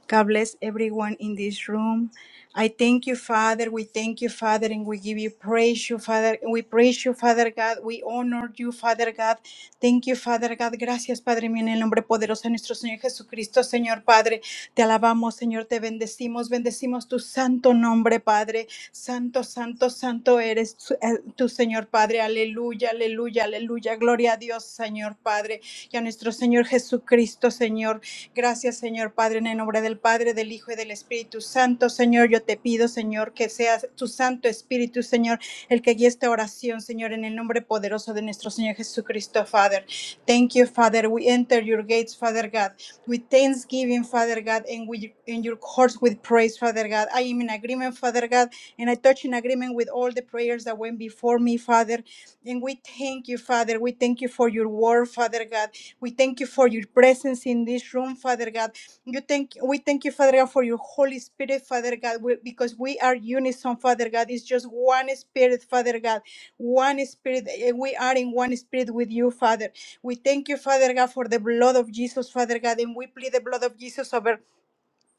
[SPEAKER 4] God bless everyone in this room. I thank you, Father. We thank you, Father, and we give you praise, you, Father. We praise you, Father God. We honor you, Father God. Thank you, Father God. Gracias, Padre mío, en el nombre poderoso de nuestro Señor Jesucristo, Señor Padre. Te alabamos, Señor. Te bendecimos. Bendecimos tu santo nombre, Padre. Santo, santo, santo eres tu, eh, tu Señor Padre. Aleluya, aleluya, aleluya. Gloria a Dios, Señor Padre, y a nuestro Señor Jesucristo, Señor. Gracias, Señor Padre, en el nombre del Padre, del Hijo y del Espíritu Santo. Señor, yo te pido, Señor, que seas tu Santo Espíritu, Señor, el que guíe esta oración, Señor, en el nombre poderoso de nuestro Señor Jesucristo, Father. Thank you, Father. We enter your gates, Father God, with thanksgiving, Father God, and we in your courts with praise, Father God. I am in agreement, Father God. And I touch in agreement with all the prayers that went before me, Father. And we thank you, Father. We thank you for your word, Father God. We thank you for your presence in this room, Father God. You thank we thank you, Father God, for your Holy Spirit, Father God, we- because we are unison, Father God. It's just one spirit, Father God. One spirit. and We are in one spirit with you, Father. We thank you, Father God, for the blood of Jesus, Father God, and we plead the blood of Jesus over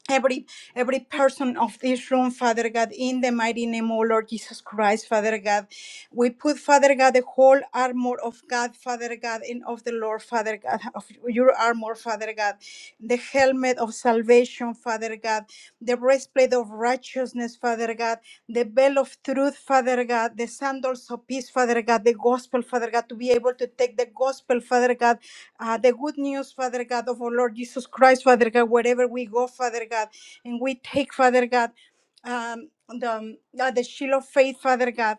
[SPEAKER 4] Every every person of this room, Father God, in the mighty name, O Lord Jesus Christ, Father God, we put, Father God, the whole armor of God, Father God, and of the Lord, Father God, of your armor, Father God, the helmet of salvation, Father God, the breastplate of righteousness, Father God, the belt of truth, Father God, the sandals of peace, Father God, the gospel, Father God, to be able to take the gospel, Father God. Uh, the good news, Father God, of our Lord Jesus Christ, Father God, wherever we go, Father God, and we take, Father God, um, the, um, uh, the shield of faith, Father God,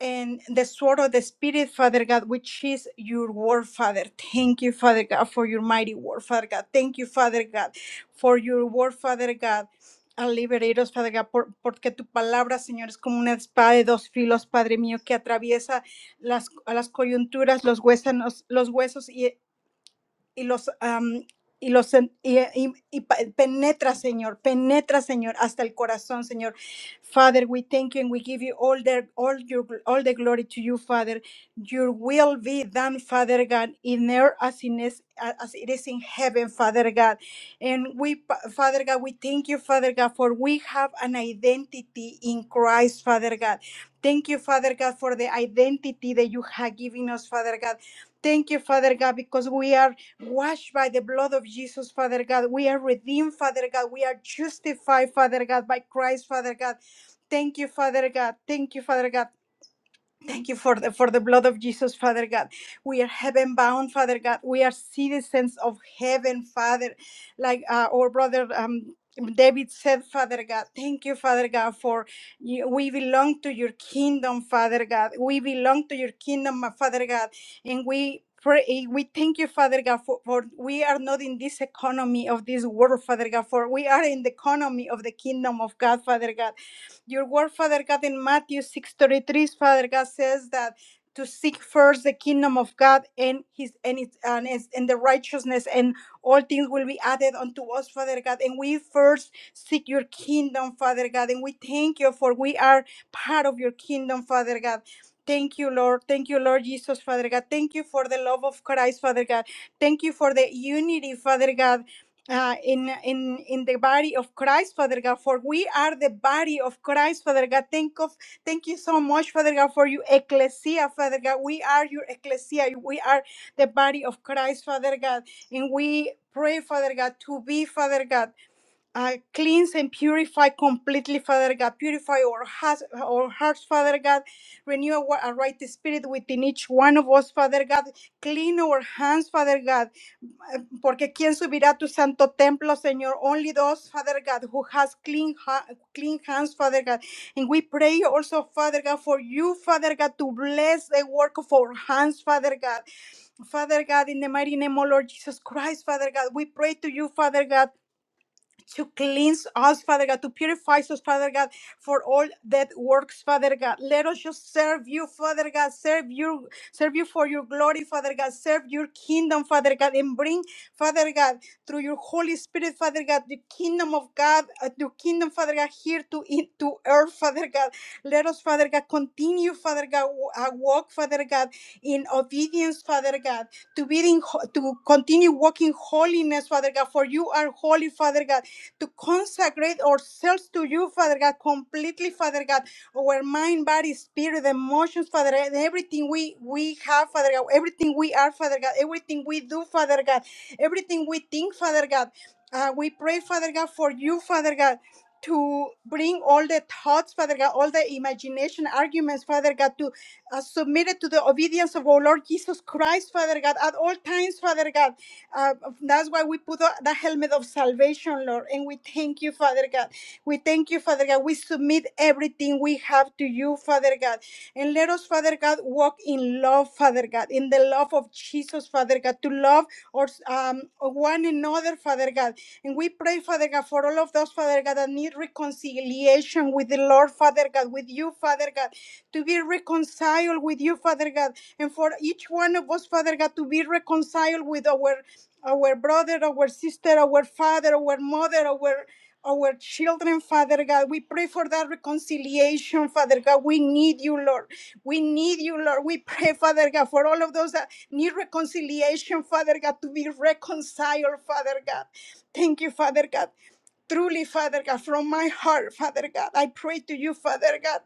[SPEAKER 4] and the sword of the Spirit, Father God, which is your word, Father. Thank you, Father God, for your mighty word, Father God. Thank you, Father God, for your word, Father God. A liberaros, Padre God, por- porque tu palabra, Señor, es como una espada de dos filos, Padre mío, que atraviesa las, a las coyunturas, los huesos, los huesos y los am, y los en- y, y- y pa- penetra, Señor, penetra, Señor, hasta el corazón, Señor. Father, we thank you and we give you all the all your all the glory to you, Father. Your will be done, Father God, in earth as in is, as it is in heaven, Father God. And we, pa- Father God, we thank you, Father God, for we have an identity in Christ, Father God. Thank you, Father God, for the identity that you have given us, Father God. Thank you, Father God, because we are washed by the blood of Jesus, Father God. We are redeemed, Father God. We are justified, Father God, by Christ, Father God. Thank you, Father God. Thank you, Father God. Thank you for the for the blood of Jesus, Father God. We are heaven bound, Father God. We are citizens of heaven, Father. Like uh, our brother um, David said, Father God, thank you, Father God, for you, we belong to your kingdom, Father God. We belong to your kingdom, my Father God, and we. Pray, eh, we thank you, Father God, for, for we are not in this economy of this world, Father God, for we are in the economy of the kingdom of God, Father God. Your word, Father God, in Matthew 6:33, Father God says that to seek first the kingdom of God and his and its and, his- and the righteousness and all things will be added unto us, Father God. And we first seek your kingdom, Father God. And we thank you for we are part of your kingdom, Father God. Thank you, Lord. Thank you, Lord Jesus, Father God. Thank you for the love of Christ, Father God. Thank you for the unity, Father God uh, in in in the body of Christ, Father God. For we are the body of Christ, Father God. Thank of thank you so much, Father God, for your ecclesia, Father God. We are your ecclesia. We are the body of Christ, Father God, and we pray, Father God, to be, Father God. Uh, cleanse and purify completely, Father God. Purify our hearts, our hearts, Father God. Renew our a right spirit within each one of us, Father God. Clean our hands, Father God Porque quién subirá a tu santo templo, Señor? Only those, Father God, who has clean, ha- clean hands, Father God. And we pray also, Father God, for you, Father God, to bless the work of our hands, Father God. Father God, in the mighty name, O Lord Jesus Christ, Father God, we pray to you, Father God, to cleanse us, Father God, to purify us, Father God, for all that works, Father God. Let us just serve you, Father God. Serve you, serve you for your glory, Father God. Serve your kingdom, Father God, and bring, Father God, through your Holy Spirit, Father God, the kingdom of God, uh, your kingdom, Father God, here to in, to earth, Father God. Let us, Father God, continue, Father God, w- uh, walk, Father God, in obedience, Father God, to be in, ho- to continue walking holiness, Father God, for you are holy, Father God to consecrate ourselves to you, Father God, completely, Father God, our mind, body, spirit, emotions, Father God, everything we, we have, Father God, everything we are, Father God, everything we do, Father God, everything we think, Father God. Uh, we pray, Father God, for you, Father God, to bring all the thoughts, Father God, all the imagination, arguments, Father God, to uh, submitted to the obedience of our Lord Jesus Christ, Father God, at all times, Father God. Uh, that's why we put the the helmet of salvation, Lord, and we thank you, Father God. We thank you, Father God. We submit everything we have to you, Father God. And let us, Father God, walk in love, Father God, in the love of Jesus, Father God, to love or um, one another, Father God. And we pray, Father God, for all of those, Father God, that need reconciliation with the Lord, Father God, with you, Father God to be reconciled with you, Father God, and for each one of us, Father God, to be reconciled with our our brother, our sister, our father, our mother, our our children, Father God. We pray for that reconciliation, Father God. We need you, Lord. We need you, Lord. We pray, Father God, for all of those that need reconciliation, Father God, to be reconciled, Father God. Thank you, Father God. Truly, Father God, from my heart, Father God, I pray to you, Father God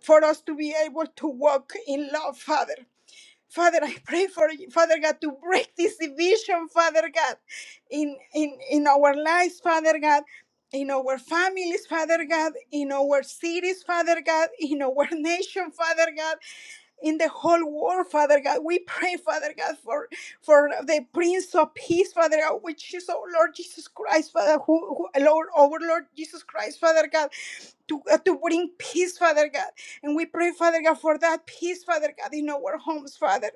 [SPEAKER 4] for us to be able to walk in love, Father. Father, I pray for you, Father God, to break this division, Father God, in, in, in our lives, Father God, in our families, Father God, in our cities, Father God, in our nation, Father God in the whole world, Father God. We pray, Father God, for, for the Prince of Peace, Father God, which is our Lord Jesus Christ, Father, who, who Lord, our Lord Jesus Christ, Father God to, uh, to bring peace, Father God. And we pray, Father God, for that peace, Father God, in our homes, Father.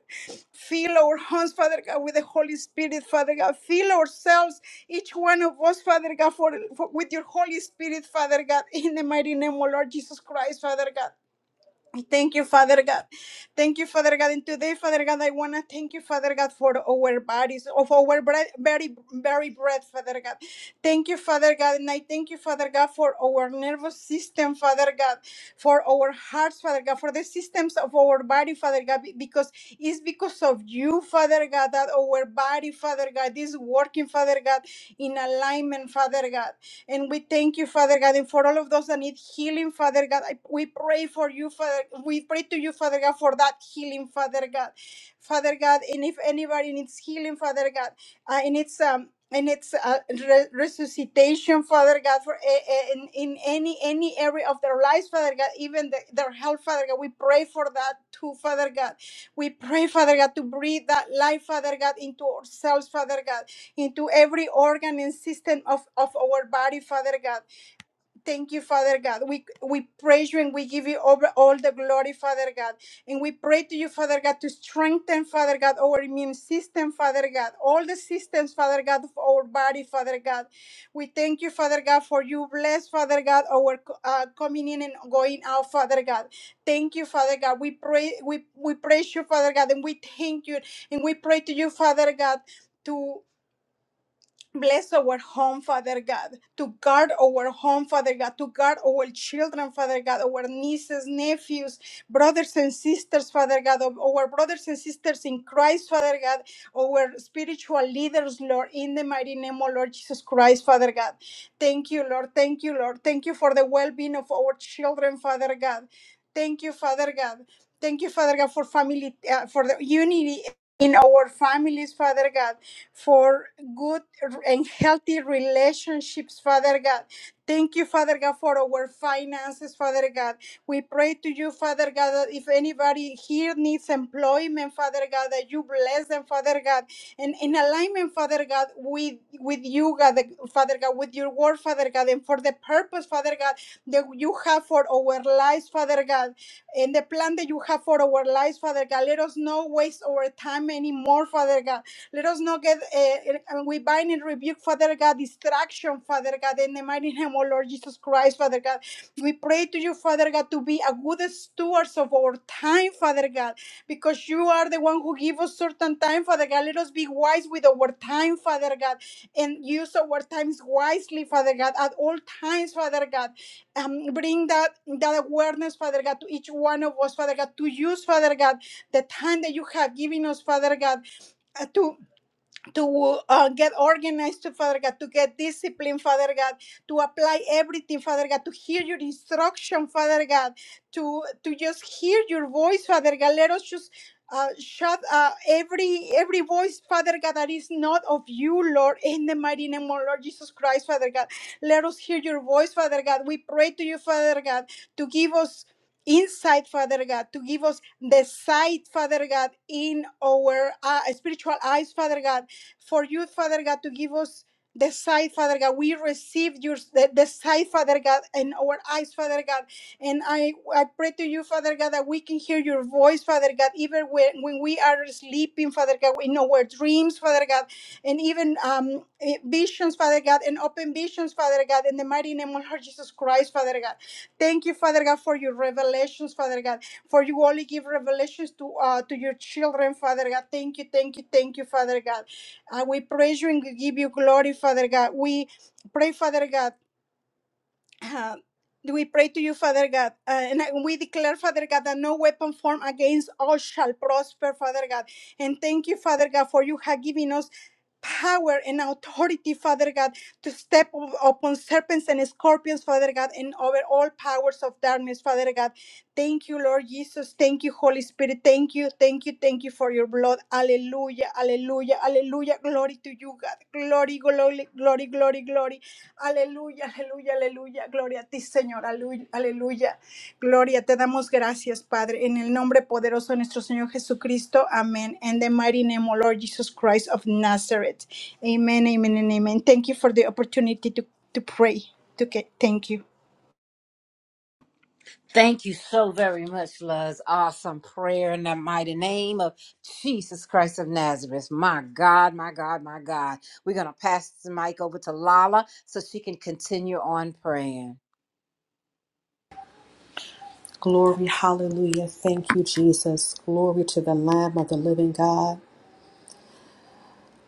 [SPEAKER 4] Fill our homes, Father God, with the Holy Spirit, Father God. Fill ourselves, each one of us, Father God, for, for- with your Holy Spirit, Father God, in the mighty name of Lord Jesus Christ, Father God. Thank you, Father God. Thank you, Father God. And today, Father God, I want to thank you, Father God, for our bodies, of our breath, very, very breath, Father God. Thank you, Father God. And I thank you, Father God, for our nervous system, Father God, for our hearts, Father God, for the systems of our body, Father God, be- because it's because of you, Father God, that our body, Father God, is working, Father God, in alignment, Father God. And we thank you, Father God, and for all of those that need healing, Father God. I, we pray for you, Father. We pray to you, Father God, for that healing, Father God. Father God, and if anybody needs healing, Father God, uh, and it's um and it's uh, re- resuscitation, Father God, for a, a- in, in any any area of their lives, Father God, even the, their health, Father God. We pray for that too, Father God. We pray, Father God, to breathe that life, Father God, into ourselves, Father God into every organ and system of, of our body, Father God. Thank you, Father God. We we praise you and we give you over all the glory, Father God. And we pray to you, Father God, to strengthen, Father God, our immune system, Father God, all the systems, Father God, of our body, Father God. We thank you, Father God, for you bless, Father God, our uh, coming in and going out, Father God. Thank you, Father God. We pray, we we praise you, Father God, and we thank you, and we pray to you, Father God, to Bless our home, Father God, to guard our home, Father God, to guard our children, Father God, our nieces, nephews, brothers and sisters, Father God, of our brothers and sisters in Christ, Father God, our spiritual leaders, Lord, in the mighty name of Lord Jesus Christ, Father God. Thank you, Lord. Thank you, Lord. Thank you for the well being of our children, Father God. Thank you, Father God. Thank you, Father God, for family, uh, for the unity in our families, Father God for good and healthy relationships, Father God. Thank you, Father God, for our finances, Father God. We pray to you, Father God, that if anybody here needs employment, Father God, that you bless them, Father God, and in alignment, Father God, with with you, God, the- Father God, with your word, Father God, and for the purpose, Father God, that you have for our lives, Father God, and the plan that you have for our lives, Father God. Let us not waste our time anymore, Father God let us not get, uh, and we bind and rebuke, Father God, distraction, Father God, in the mighty name, oh Lord Jesus Christ, Father God. We pray to you, Father God, to be a good stewards of our time, Father God, because you are the one who give us certain time, Father God. Let us be wise with our time, Father God, and use our times wisely, Father God, at all times, Father God. Um, bring that, that awareness, Father God, to each one of us, Father God, to use, Father God, the time that you have given us, Father God, uh, to to uh, get organized, to Father God, to get disciplined, Father God, to apply everything, Father God, to hear your instruction, Father God, to to just hear your voice, Father God. Let us just uh, shut uh, every every voice, Father God, that is not of you, Lord, in the mighty name of our Lord Jesus Christ, Father God. Let us hear your voice, Father God. We pray to you, Father God, to give us insight, Father God, to give us the sight, Father God, in our uh, spiritual eyes, Father God for you, Father God, to give us the sight, Father God. We receive your the, the sight, Father God, in our eyes, Father God. And I I pray to you, Father God, that we can hear your voice, Father God, even when, when we are sleeping, Father God, in our dreams, Father God, and even um eh, visions, Father God, and open visions, Father God, in the mighty name of Lord Jesus Christ, Father God. Thank you, Father God, for your revelations, Father God. For you only give revelations to uh to your children, Father God. Thank you, thank you, thank you, Father God. And we praise you and give you glory, Father God. We pray, Father God, uh, we pray to you, Father God, uh, and I- we declare, Father God, that no weapon formed against us shall prosper, Father God. And thank you, Father God, for you have given us power and authority, Father God, to step up- upon serpents and scorpions, Father God, and over all powers of darkness, Father God. Thank you, Lord Jesus. Thank you, Holy Spirit. Thank you, thank you, thank you for your blood. Hallelujah, hallelujah, hallelujah. Glory to you, God. Glory, glory, glory, glory, glory. Aleluya, aleluya, aleluya. Gloria a ti, Señor. Alu- Aleluya. Gloria, te damos gracias, Padre, en el nombre poderoso de nuestro Señor Jesucristo. Amén. In the mighty name of Lord Jesus Christ of Nazareth. Amen, amen, and amen. Thank you for the opportunity to, to pray. To get, thank you.
[SPEAKER 1] Thank you so very much, Luz. Awesome prayer in the mighty name of Jesus Christ of Nazareth. My God, my God, my God. We're going to pass the mic over to Lala so she can continue on praying.
[SPEAKER 5] Glory, hallelujah. Thank you, Jesus. Glory to the Lamb of the living God.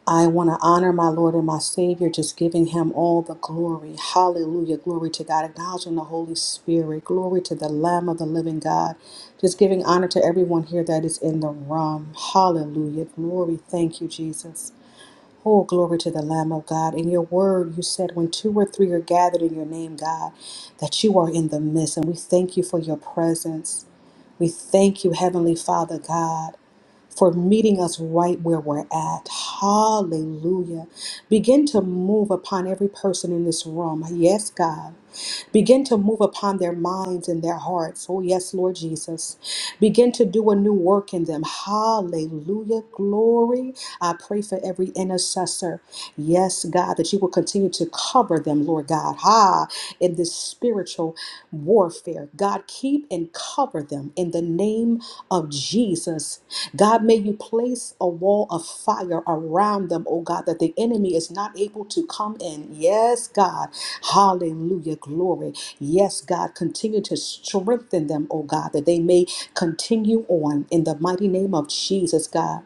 [SPEAKER 5] I want to honor my Lord and my Savior, just giving him all the glory. Hallelujah. Glory to God. Acknowledging the Holy Spirit. Glory to the Lamb of the living God. Just giving honor to everyone here that is in the room. Hallelujah. Glory. Thank you, Jesus. Oh, glory to the Lamb of God. In your word, you said, when two or three are gathered in your name, God, that you are in the midst. And we thank you for your presence. We thank you, Heavenly Father God, for meeting us right where we're at. Hallelujah. Begin to move upon every person in this room. Yes, God. Begin to move upon their minds and their hearts. Oh, yes, Lord Jesus. Begin to do a new work in them. Hallelujah. Glory. I pray for every intercessor. Yes, God, that you will continue to cover them, Lord God. Ha, in this spiritual warfare. God, keep and cover them in the name of Jesus. God, may you place a wall of fire around them, oh God, that the enemy is not able to come in. Yes, God. Hallelujah. Glory. Yes, God. Continue to strengthen them, oh God, that they may continue on in the mighty name of Jesus, God.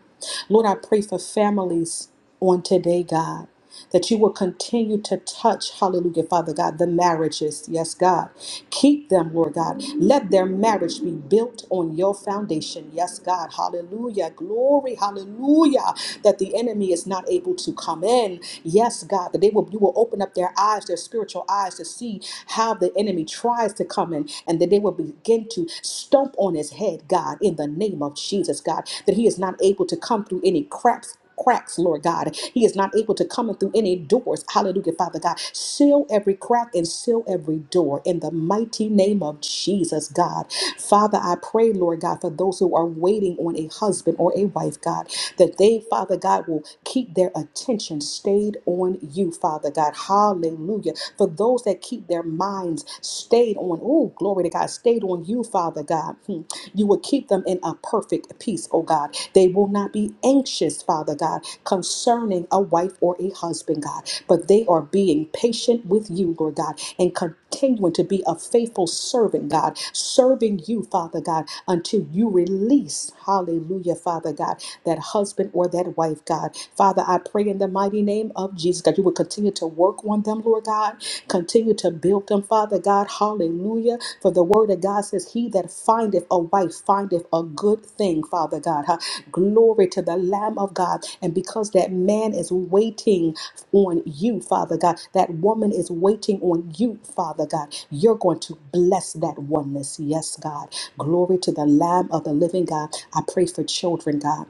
[SPEAKER 5] Lord, I pray for families on today, God, that you will continue to touch, hallelujah, Father God, the marriages. Yes, God. Keep them, Lord God. Let their marriage be built on your foundation. Yes, God. Hallelujah. Glory. Hallelujah. That the enemy is not able to come in. Yes, God. That they will you will open up their eyes, their spiritual eyes to see how the enemy tries to come in and that they will begin to stomp on his head, God, in the name of Jesus, God. That he is not able to come through any cracks cracks, Lord God. He is not able to come in through any doors. Hallelujah, Father God. Seal every crack and seal every door in the mighty name of Jesus, God. Father, I pray, Lord God, for those who are waiting on a husband or a wife, God, that they, Father God, will keep their attention stayed on you, Father God. Hallelujah. For those that keep their minds stayed on, oh, glory to God, stayed on you, Father. Father God. Hmm. You will keep them in a perfect peace, oh God. They will not be anxious, Father God, concerning a wife or a husband, God, but they are being patient with you, Lord God, and continuing to be a faithful servant, God, serving you, Father God, until you release, hallelujah, Father God, that husband or that wife, God. Father, I pray in the mighty name of Jesus, God, you will continue to work on them, Lord God. Continue to build them, Father God. Hallelujah. For the word of God says, He that findeth a wife findeth a good thing, Father God. Huh? Glory to the Lamb of God. And because that man is waiting on you, Father God, that woman is waiting on you, Father God, you're going to bless that oneness. Yes, God. Glory to the Lamb of the living God. I pray for children, God.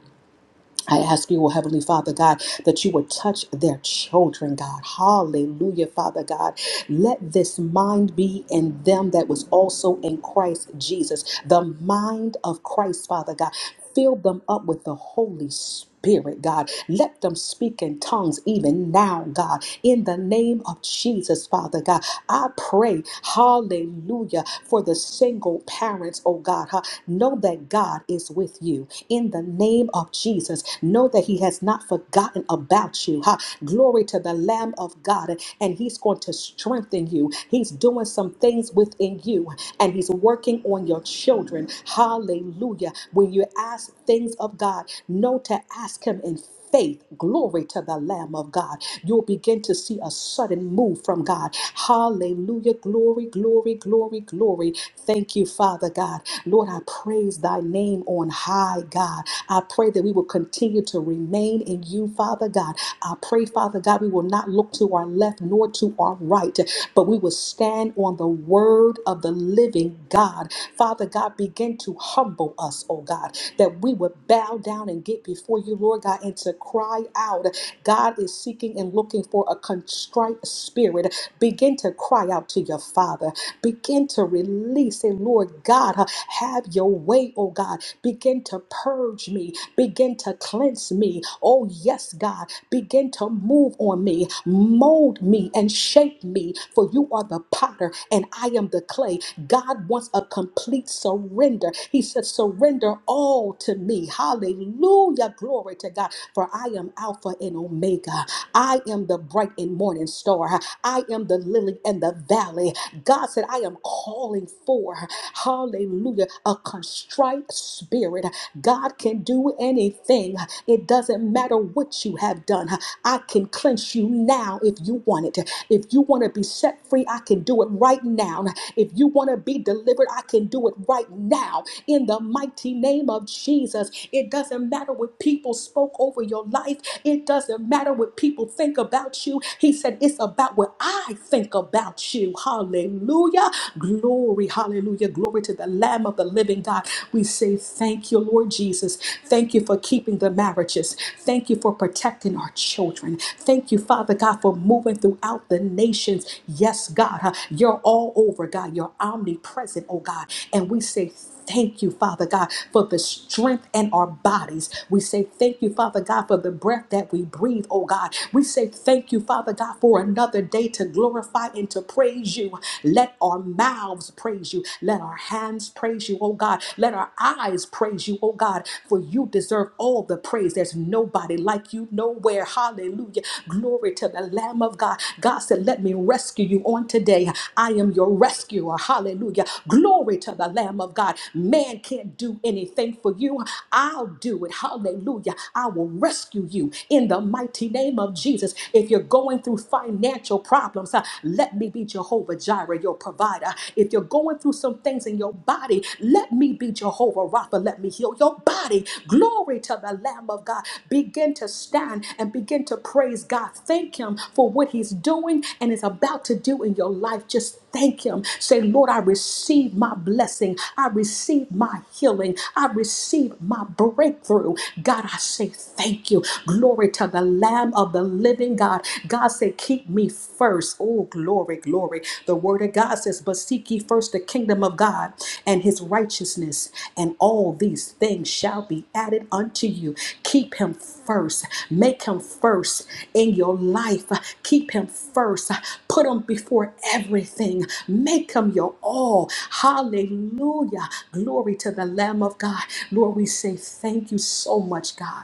[SPEAKER 5] I ask you, oh Heavenly Father God, that you would touch their children, God. Hallelujah, Father God. Let this mind be in them that was also in Christ Jesus, the mind of Christ, Father God. Fill them up with the Holy Spirit. Spirit, God. Let them speak in tongues even now, God. In the name of Jesus, Father God, I pray, hallelujah, for the single parents, oh God. huh? Know that God is with you. In the name of Jesus, know that He has not forgotten about you. Huh? Glory to the Lamb of God, and and He's going to strengthen you. He's doing some things within you, and He's working on your children. Hallelujah. When you ask things of God, know to ask Him in faith. Glory to the Lamb of God. You'll begin to see a sudden move from God. Hallelujah. Glory, glory, glory, glory. Thank you, Father God. Lord, I praise thy name on high, God. I pray that we will continue to remain in you, Father God. I pray, Father God, we will not look to our left nor to our right, but we will stand on the word of the living God. God. Father God, begin to humble us, oh God, that we would bow down and get before you, Lord God, and to cry out. God is seeking and looking for a contrite spirit. Begin to cry out to your Father. Begin to release, and Lord God, uh, have your way, oh God. Begin to purge me. Begin to cleanse me. Oh, yes, God. Begin to move on me, mold me, and shape me. For you are the potter and I am the clay. God wants a complete surrender. He said, Surrender all to me. Hallelujah. Glory to God. For I am Alpha and Omega. I am the bright and morning star. I am the lily and the valley. God said, I am calling for, hallelujah, a contrite spirit. God can do anything. It doesn't matter what you have done. I can cleanse you now now if you want it. If you want to be set free, I can do it right now. If you want to be delivered, I can do it right now. In the mighty name of Jesus, it doesn't matter what people spoke over your life, it doesn't matter what people think about you. He said, It's about what I think about you. Hallelujah. Glory. Hallelujah. Glory to the Lamb of the living God. We say, Thank you, Lord Jesus. Thank you for keeping the marriages. Thank you for protecting our children. Thank you, Father God, for moving throughout the nations. Yes, God, huh, you're all over, God. You're omnipresent, oh God. And we say, Thank you, Father God, for the strength in our bodies. We say thank you, Father God, for the breath that we breathe, oh God. We say thank you, Father God, for another day to glorify and to praise you. Let our mouths praise you. Let our hands praise you, oh God. Let our eyes praise you, oh God, for for you deserve all the praise. There's nobody like you nowhere. Hallelujah. Glory to the Lamb of God. God said, Let me rescue you on today. I am your rescuer. Hallelujah. Glory to the Lamb of God. Man can't do anything for you. I'll do it. Hallelujah. I will rescue you in the mighty name of Jesus. If you're going through financial problems, uh, let me be Jehovah Jireh, your provider. If you're going through some things in your body, let me be Jehovah Rapha. Let me heal your body. Glory to the Lamb of God. Begin to stand and begin to praise God. Thank Him for what He's doing and is about to do in your life. Just thank Him. Say, Lord, I receive my blessing. I receive my healing. I receive my breakthrough. God, I say thank you. Glory to the Lamb of the living God. God said, Keep me first. Oh, glory, glory. The word of God says, but seek ye first the kingdom of God and his righteousness, and all these things shall be added unto you. Keep him first. Make him first in your life. Keep him first. Put him before everything. Make him your all. Hallelujah. Glory to the Lamb of God. Lord, we say thank you so much, God.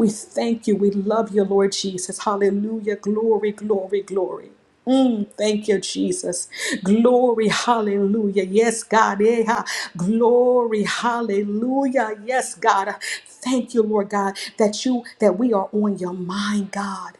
[SPEAKER 5] We thank you. We love you, Lord Jesus. Hallelujah. Glory, glory, glory. Mm, thank you, Jesus. Glory, hallelujah. Yes, God. Eh, ha. Glory, hallelujah. Yes, God. Thank you, Lord God, that you that we are on your mind, God.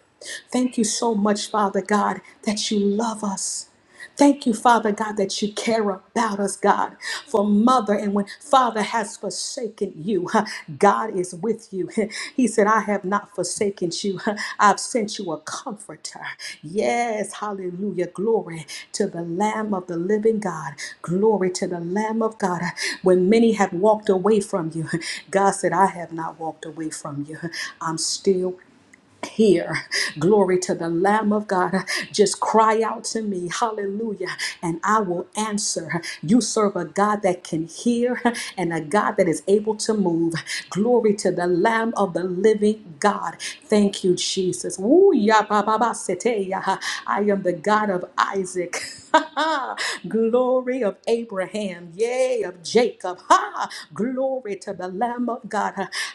[SPEAKER 5] Thank you so much, Father God, that you love us. Thank you, Father God, that you care about us, God, for mother. And when Father has forsaken you, huh, God is with you. He said, I have not forsaken you. I've sent you a comforter. Yes, hallelujah. Glory to the Lamb of the living God. Glory to the Lamb of God. When many have walked away from you, God said, I have not walked away from you. I'm still here. Glory to the Lamb of God. Just cry out to me, hallelujah, and I will answer. You serve a God that can hear and a God that is able to move. Glory to the Lamb of the living God. Thank you, Jesus. Woo, ya, ba, ba, ba, sete, ya. I am the God of Isaac. Glory of Abraham, yea, of Jacob. Ha! Glory to the Lamb of God.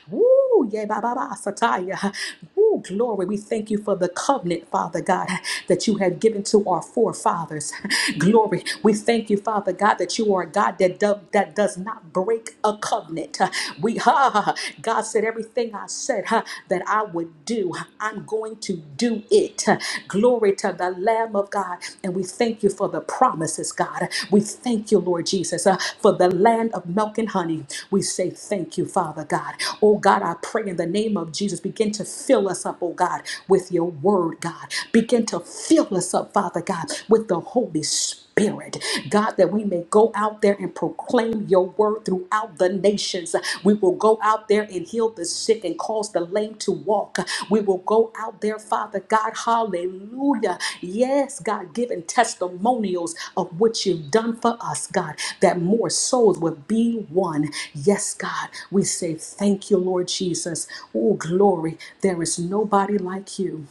[SPEAKER 5] Woo! yea, ba ba ba, Sataya. Woo! Glory. We thank you for the covenant, Father God, that you have given to our forefathers. Glory. We thank you, Father God, that you are a God that, do- that does not break a covenant. We ha, ha, ha. God said everything I said that I would do. I'm going to do it. Glory to the Lamb of God. And we thank you for the promises, God. We thank you, Lord Jesus, uh, for the land of milk and honey. We say thank you, Father God. Oh God, I pray in the name of Jesus, begin to fill us up, oh God, with your word, God. Begin to fill us up, Father God, with the Holy Spirit. Spirit, God, that we may go out there and proclaim your word throughout the nations. We will go out there and heal the sick and cause the lame to walk. We will go out there, Father God, hallelujah. Yes, God, giving testimonials of what you've done for us, God, that more souls would be one. Yes, God, we say thank you, Lord Jesus. Oh, glory. There is nobody like you.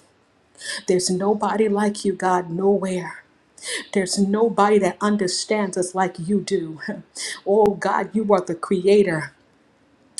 [SPEAKER 5] There's nobody like you, God, nowhere. There's nobody that understands us like you do. Oh God, you are the creator.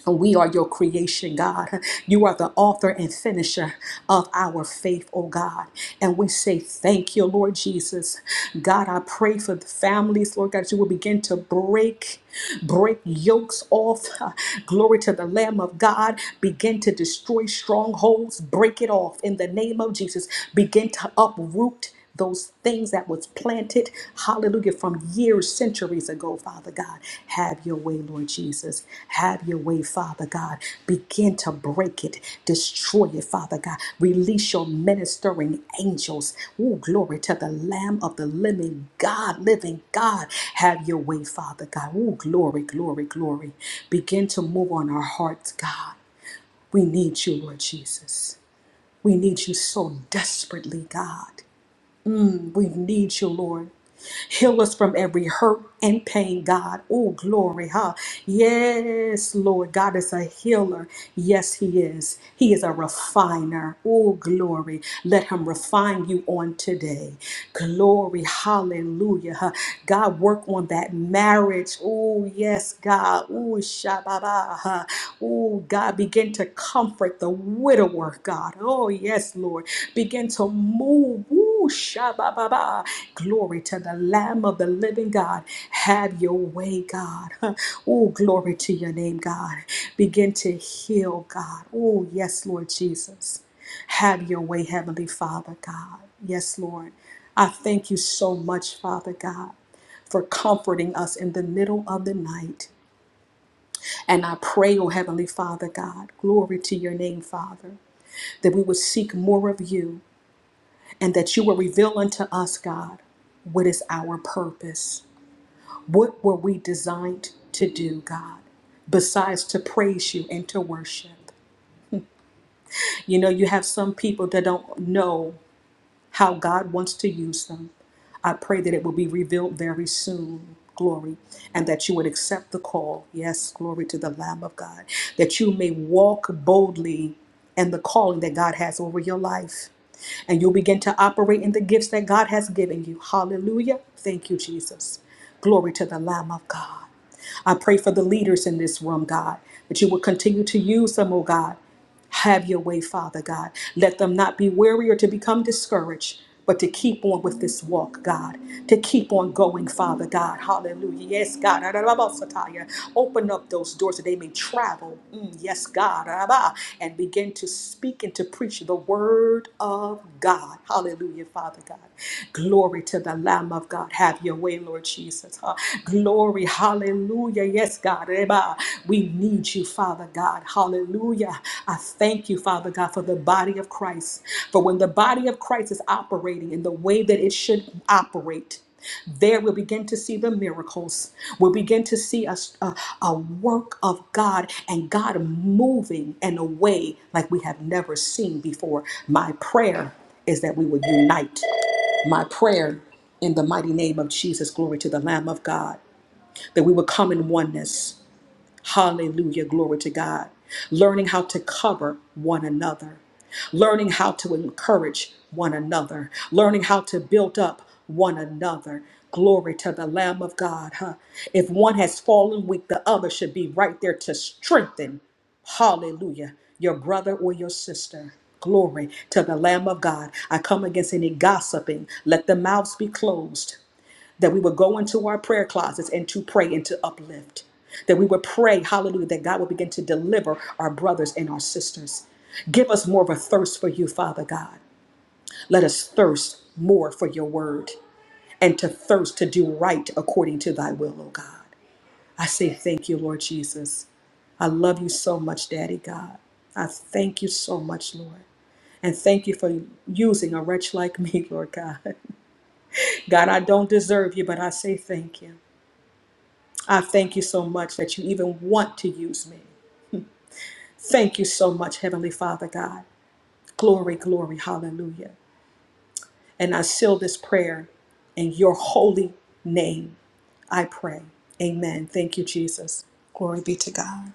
[SPEAKER 5] and We are your creation, God. You are the author and finisher of our faith, oh God. And we say thank you, Lord Jesus. God, I pray for the families, Lord God, that you will begin to break, break yokes off. Glory to the Lamb of God. Begin to destroy strongholds, break it off in the name of Jesus. Begin to uproot those things that was planted, hallelujah, from years, centuries ago, Father God. Have your way, Lord Jesus. Have your way, Father God. Begin to break it, destroy it, Father God. Release your ministering angels. Oh, glory to the Lamb of the living God, living God. Have your way, Father God. Oh, glory, glory, glory. Begin to move on our hearts, God. We need you, Lord Jesus. We need you so desperately, God. Mm, we need you, Lord. Heal us from every hurt and pain, God. Oh, glory, huh? Yes, Lord. God is a healer. Yes, He is. He is a refiner. Oh, glory. Let Him refine you on today. Glory, hallelujah. huh? God, work on that marriage. Oh, yes, God. Oh, Shababa. huh? Oh, God, begin to comfort the widower, God. Oh, yes, Lord. Begin to move. Ooh, Ooh, shabba-ba-ba. Glory to the Lamb of the living God. Have your way, God. Oh, glory to your name, God. Begin to heal, God. Oh, yes, Lord Jesus. Have your way, Heavenly Father, God. Yes, Lord. I thank you so much, Father God, for comforting us in the middle of the night. And I pray, oh Heavenly Father God, glory to your name, Father, that we would seek more of you and that you will reveal unto us, God, what is our purpose. What were we designed to do, God, besides to praise you and to worship? You know, you have some people that don't know how God wants to use them. I pray that it will be revealed very soon. Glory, and that you would accept the call. Yes, glory to the Lamb of God. That you may walk boldly in the calling that God has over your life. And you'll begin to operate in the gifts that God has given you. Hallelujah. Thank you, Jesus. Glory to the Lamb of God. I pray for the leaders in this room, God, that you will continue to use them, oh God. Have your way, Father God. Let them not be weary or to become discouraged, but to keep on with this walk, God. To keep on going, Father God. Hallelujah. Yes, God. Arabasataya. Open up those doors that they may travel. Mm, yes, God. Araba. And begin to speak and to preach the word of God. God. Hallelujah, Father God. Glory to the Lamb of God. Have your way, Lord Jesus. Huh? Glory, hallelujah. Yes, God. Reba. We need you, Father God. Hallelujah. I thank you, Father God, for the body of Christ. For when the body of Christ is operating in the way that it should operate, there we'll begin to see the miracles. We'll begin to see a, a, a work of God and God moving in a way like we have never seen before. My prayer is that we would unite. My prayer in the mighty name of Jesus, glory to the Lamb of God, that we would come in oneness Hallelujah. Glory to God. Learning how to cover one another, learning how to encourage one another, learning how to build up one another. Glory to the Lamb of God. Huh? If one has fallen weak, the other should be right there to strengthen. Hallelujah. Your brother or your sister. Glory to the Lamb of God. I come against any gossiping. Let the mouths be closed that we would go into our prayer closets and to pray and to uplift. That we would pray, hallelujah, that God would begin to deliver our brothers and our sisters. Give us more of a thirst for you, Father God. Let us thirst more for your word and to thirst to do right according to thy will, O God. I say thank you, Lord Jesus. I love you so much, Daddy God. I thank you so much, Lord. And thank you for using a wretch like me, Lord God. God, I don't deserve you, but I say thank you. I thank you so much that you even want to use me. Thank you so much, Heavenly Father God. Glory, glory, hallelujah. And I seal this prayer in your holy name. I pray. Amen. Thank you, Jesus. Glory be to God.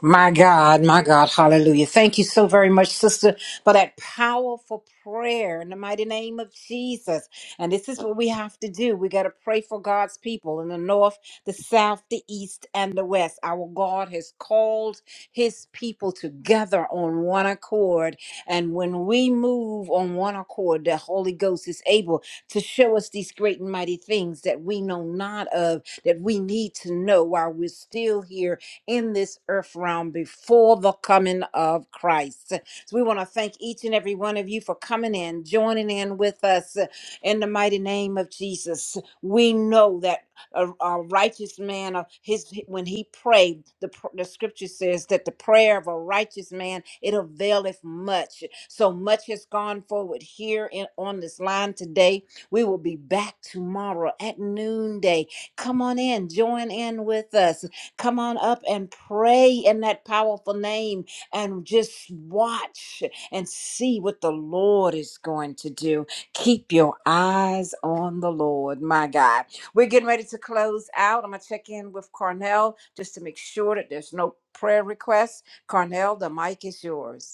[SPEAKER 1] My God, my God, hallelujah. Thank you so very much, sister, for that powerful prayer in the mighty name of Jesus. And this is what we have to do. We got to pray for God's people in the north, the south, the east, and the west. Our God has called his people together on one accord. And when we move on one accord, the Holy Ghost is able to show us these great and mighty things that we know not of, that we need to know while we're still here in this earth realm before the coming of Christ. So we want to thank each and every one of you for coming in, joining in with us uh, in the mighty name of Jesus. We know that a, a righteous man of his when he prayed the, pr- the scripture says that the prayer of a righteous man it availeth much so much has gone forward here in, on this line today we will be back tomorrow at noonday come on in join in with us Come on up and pray in that powerful name and just watch and see what the Lord is going to do. Keep your eyes on the Lord, my God. We're getting ready to close out. I'm going to check in with Carnell just to make sure that there's no prayer requests. Carnell, the mic is yours.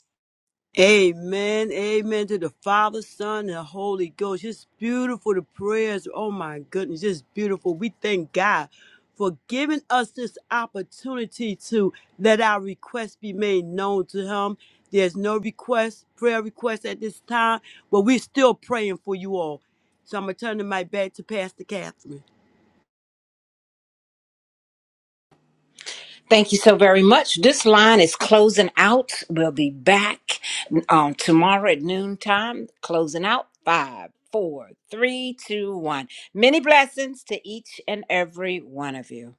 [SPEAKER 2] Amen. Amen to the Father, Son, and the Holy Ghost. Just beautiful the prayers. Oh my goodness, just beautiful. We thank God for giving us this opportunity to let our requests be made known to Him. There's no request, prayer request at this time, but we're still praying for you all. So I'm gonna turn the mic back to Pastor Catherine.
[SPEAKER 1] Thank you so very much. This line is closing out. We'll be back um, tomorrow at noontime. Closing out. Five, four, three, two, one. Many blessings to each and every one of you.